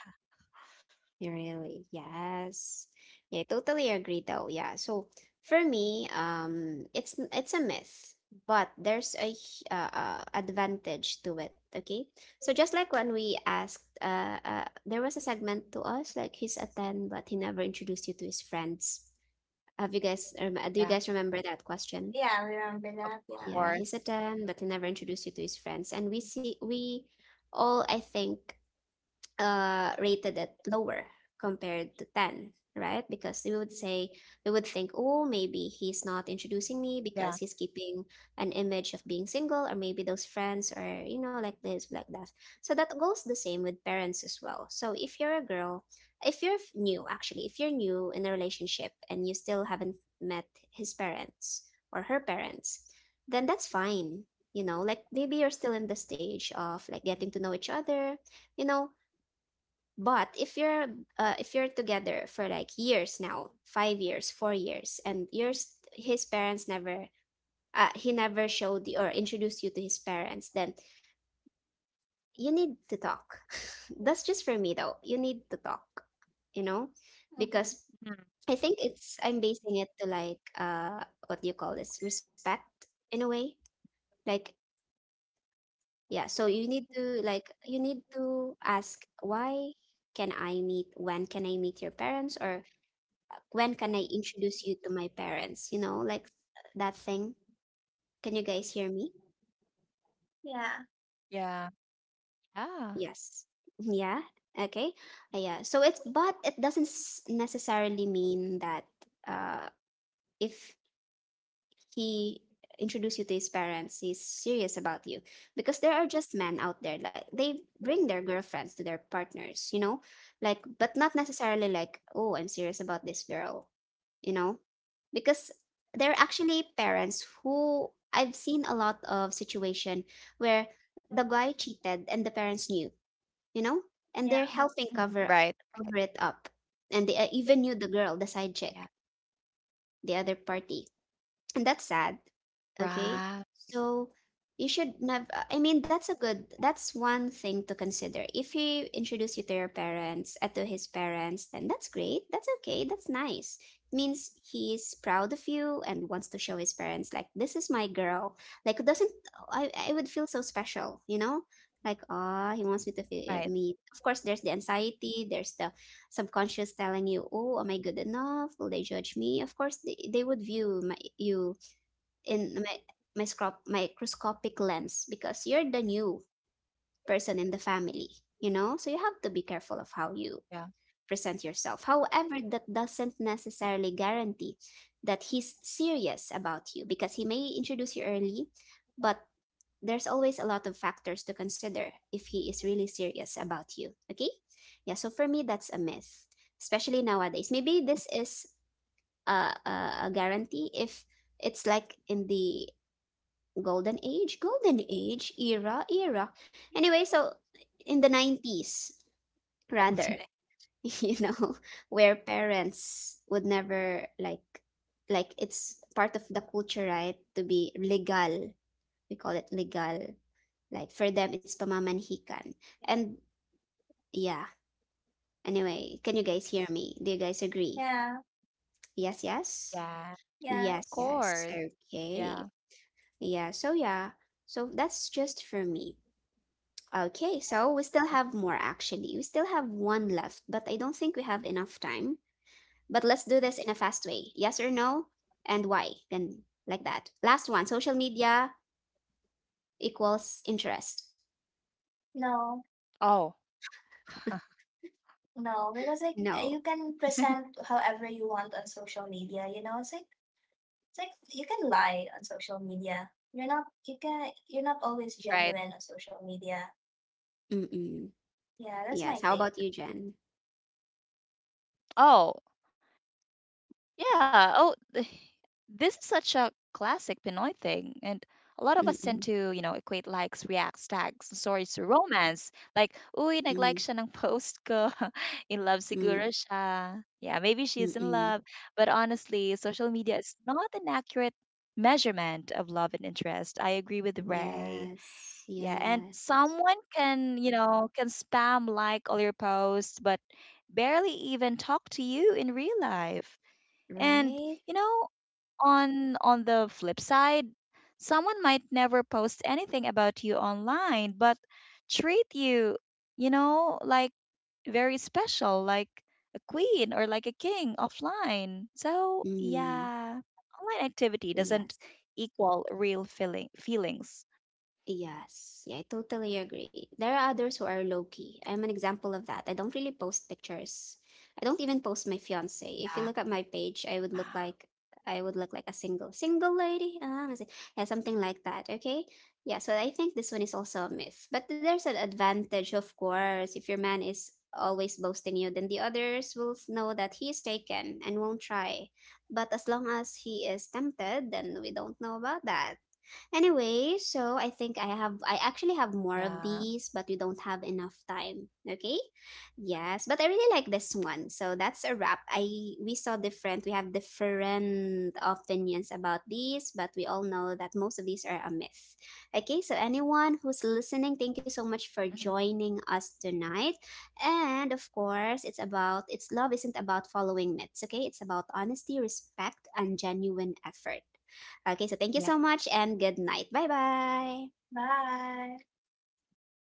Speaker 1: Really, yes. Yeah, I totally agree though. Yeah. So for me, it's a myth, but there's a advantage to it. Okay. So just like when we asked, there was a segment to us like he's a ten, but he never introduced you to his friends. Have you guys
Speaker 2: Yeah.
Speaker 1: rem do you guys remember that question?
Speaker 3: Yeah,
Speaker 2: Of
Speaker 3: remember that.
Speaker 2: course.
Speaker 3: Yeah.
Speaker 1: Yeah, he's a
Speaker 2: you-
Speaker 1: ten, but he never introduced you to his friends, and we see we all, I think, rated it lower compared to 10, right? Because we would say, we would
Speaker 2: Yeah.
Speaker 1: think, oh, maybe he's not introducing me because he's keeping an image of being single, or maybe those friends are, you know, like this, like that. So that goes the same with parents as well. So if you're a girl, if you're f- new actually if you're new in a relationship, and you still haven't met his parents or her parents, then that's fine. You know, like maybe you're still in the stage of like getting to know each other, you know. But if you're together for like years now, 5 years, 4 years, and yours his parents never, he never showed you or introduced you to his parents, then you need to talk. (laughs) That's just for me though. You need to talk, you
Speaker 2: Mhm.
Speaker 1: know,
Speaker 3: Mm-hmm.
Speaker 1: because I think it's I'm basing it to like what do you call this, respect, in a way, like, yeah. So you need to like you need to ask why can I meet when can I meet your parents, or when can I introduce you to my parents? You know, like that thing. Can you guys hear me?
Speaker 3: Yeah.
Speaker 2: Yeah. Yeah.
Speaker 1: Yes. (laughs) Yeah. Okay. Yeah. So it's but it doesn't necessarily mean that uh if he introduced you to his parents, he's serious about you. Because there are just men out there, like they bring their girlfriends to their partners, you know? Like, but not necessarily like, oh, I'm serious about this girl, you know? Because there are actually parents who, I've seen a lot of situation where the guy cheated and the parents knew, you know? And
Speaker 3: Yeah.
Speaker 1: they're
Speaker 2: Mhm.
Speaker 1: helping
Speaker 2: Right.
Speaker 1: cover it up. And they, even knew the girl, the side
Speaker 2: Yeah.
Speaker 1: chick, the other party, and that's sad. Okay,
Speaker 2: Right.
Speaker 1: so you should never, I mean, that's a good, that's one thing to consider. If he introduced you to your parents, to his parents, then that's great, that's okay, that's nice. Means he's proud of you and wants to show his parents like this is my girl. Like it doesn't, I would feel so special, you know, like, ah, he wants me to
Speaker 2: Right.
Speaker 1: feel me of course, there's the anxiety, there's the subconscious telling you, oh, am I good enough, will they judge me? Of course they would view my you in my microscopic lens, because you're the new person in the family, you know? So you have to be careful of how you
Speaker 2: Yeah.
Speaker 1: present yourself. However, that doesn't necessarily guarantee that he's serious about you, because he may introduce you early, but there's always a lot of factors to consider if he is really serious about you. Okay? Yeah, so for me, that's a myth, especially nowadays. Maybe this is a guarantee if it's like in the golden age era, anyway, so in the
Speaker 2: Alternate.
Speaker 1: 90s rather. (laughs) You know, where parents would never like, like it's part of the culture, right, to be legal, we call it legal, like for them it's pamamanhikan, and yeah, anyway, can you guys hear me, do you guys agree?
Speaker 3: Yeah.
Speaker 1: yes
Speaker 2: Yeah.
Speaker 1: yes
Speaker 2: Of course.
Speaker 1: yes
Speaker 3: Yes.
Speaker 1: yes
Speaker 2: Yeah.
Speaker 1: okay, yeah, so yeah, so that's just for me. Okay, so we still have more actually. We still have one left, but I don't think we have enough time. But let's do this in a fast way. Yes or no? And why? Then like that. Last one, social media equals interest.
Speaker 3: No.
Speaker 2: Oh, (laughs)
Speaker 3: No, because like
Speaker 1: No.
Speaker 3: you can present however you want on social media. You know, it's like you can lie on social media. You're not. You can. You're not always
Speaker 2: right.
Speaker 3: genuine on social media.
Speaker 1: Mm-mm.
Speaker 3: Yeah, that's
Speaker 1: Yes.
Speaker 3: my
Speaker 1: How about
Speaker 3: take.
Speaker 1: you, Jen?
Speaker 2: Oh, yeah. Oh, this is such a classic Pinoy thing. And a lot of us tend to, you know,
Speaker 1: Mm-mm.
Speaker 2: equate likes, reacts, tags, and stories to romance. Like, uy, nag-like siya ng
Speaker 1: Mm-mm.
Speaker 2: post ko. (laughs) In love siguro
Speaker 1: Mm-mm.
Speaker 2: siya. Yeah, maybe she's in love.
Speaker 1: Mm-mm.
Speaker 2: But honestly, social media is not an accurate measurement of love and interest. I agree with Ray.
Speaker 1: Yes.
Speaker 2: Yeah, and
Speaker 1: Yes.
Speaker 2: someone can spam like all your posts, but barely even talk to you in real life. And
Speaker 1: Right?
Speaker 2: you know, on the flip side, someone might never post anything about you online, but treat you, you know, like very special, like a queen or like a king offline. So,
Speaker 1: Mm.
Speaker 2: yeah, online activity doesn't
Speaker 1: Yes.
Speaker 2: equal real feelings.
Speaker 1: Yes, yeah, I totally agree. There are others who are low key. I'm an example of that. I don't really post pictures. I don't even post my
Speaker 2: Yeah.
Speaker 1: fiance. If you look at my page, I would look like a single single lady. Ah, kasi- yeah, something like that. Okay, yeah. So I think this one is also a myth. But there's an advantage, of course. If your man is always boasting you, then the others will know that he is taken and won't try. But as long as he is tempted, then we don't know about that. Anyway, so I think I
Speaker 2: Yeah.
Speaker 1: actually have more of these, but we don't have enough time. Okay? Yes, but I really like this one. So that's a wrap. I We saw different we have different opinions about these, but we all know that most of these are a myth. Okay, so anyone who's listening,
Speaker 2: Mhm.
Speaker 1: thank you so much for joining us tonight. And of course, it's love isn't about following myths, okay? It's about honesty, respect, and genuine effort.
Speaker 2: Yeah.
Speaker 1: Okay, so thank you so much and good night. Bye bye.
Speaker 3: Bye.
Speaker 2: Ah,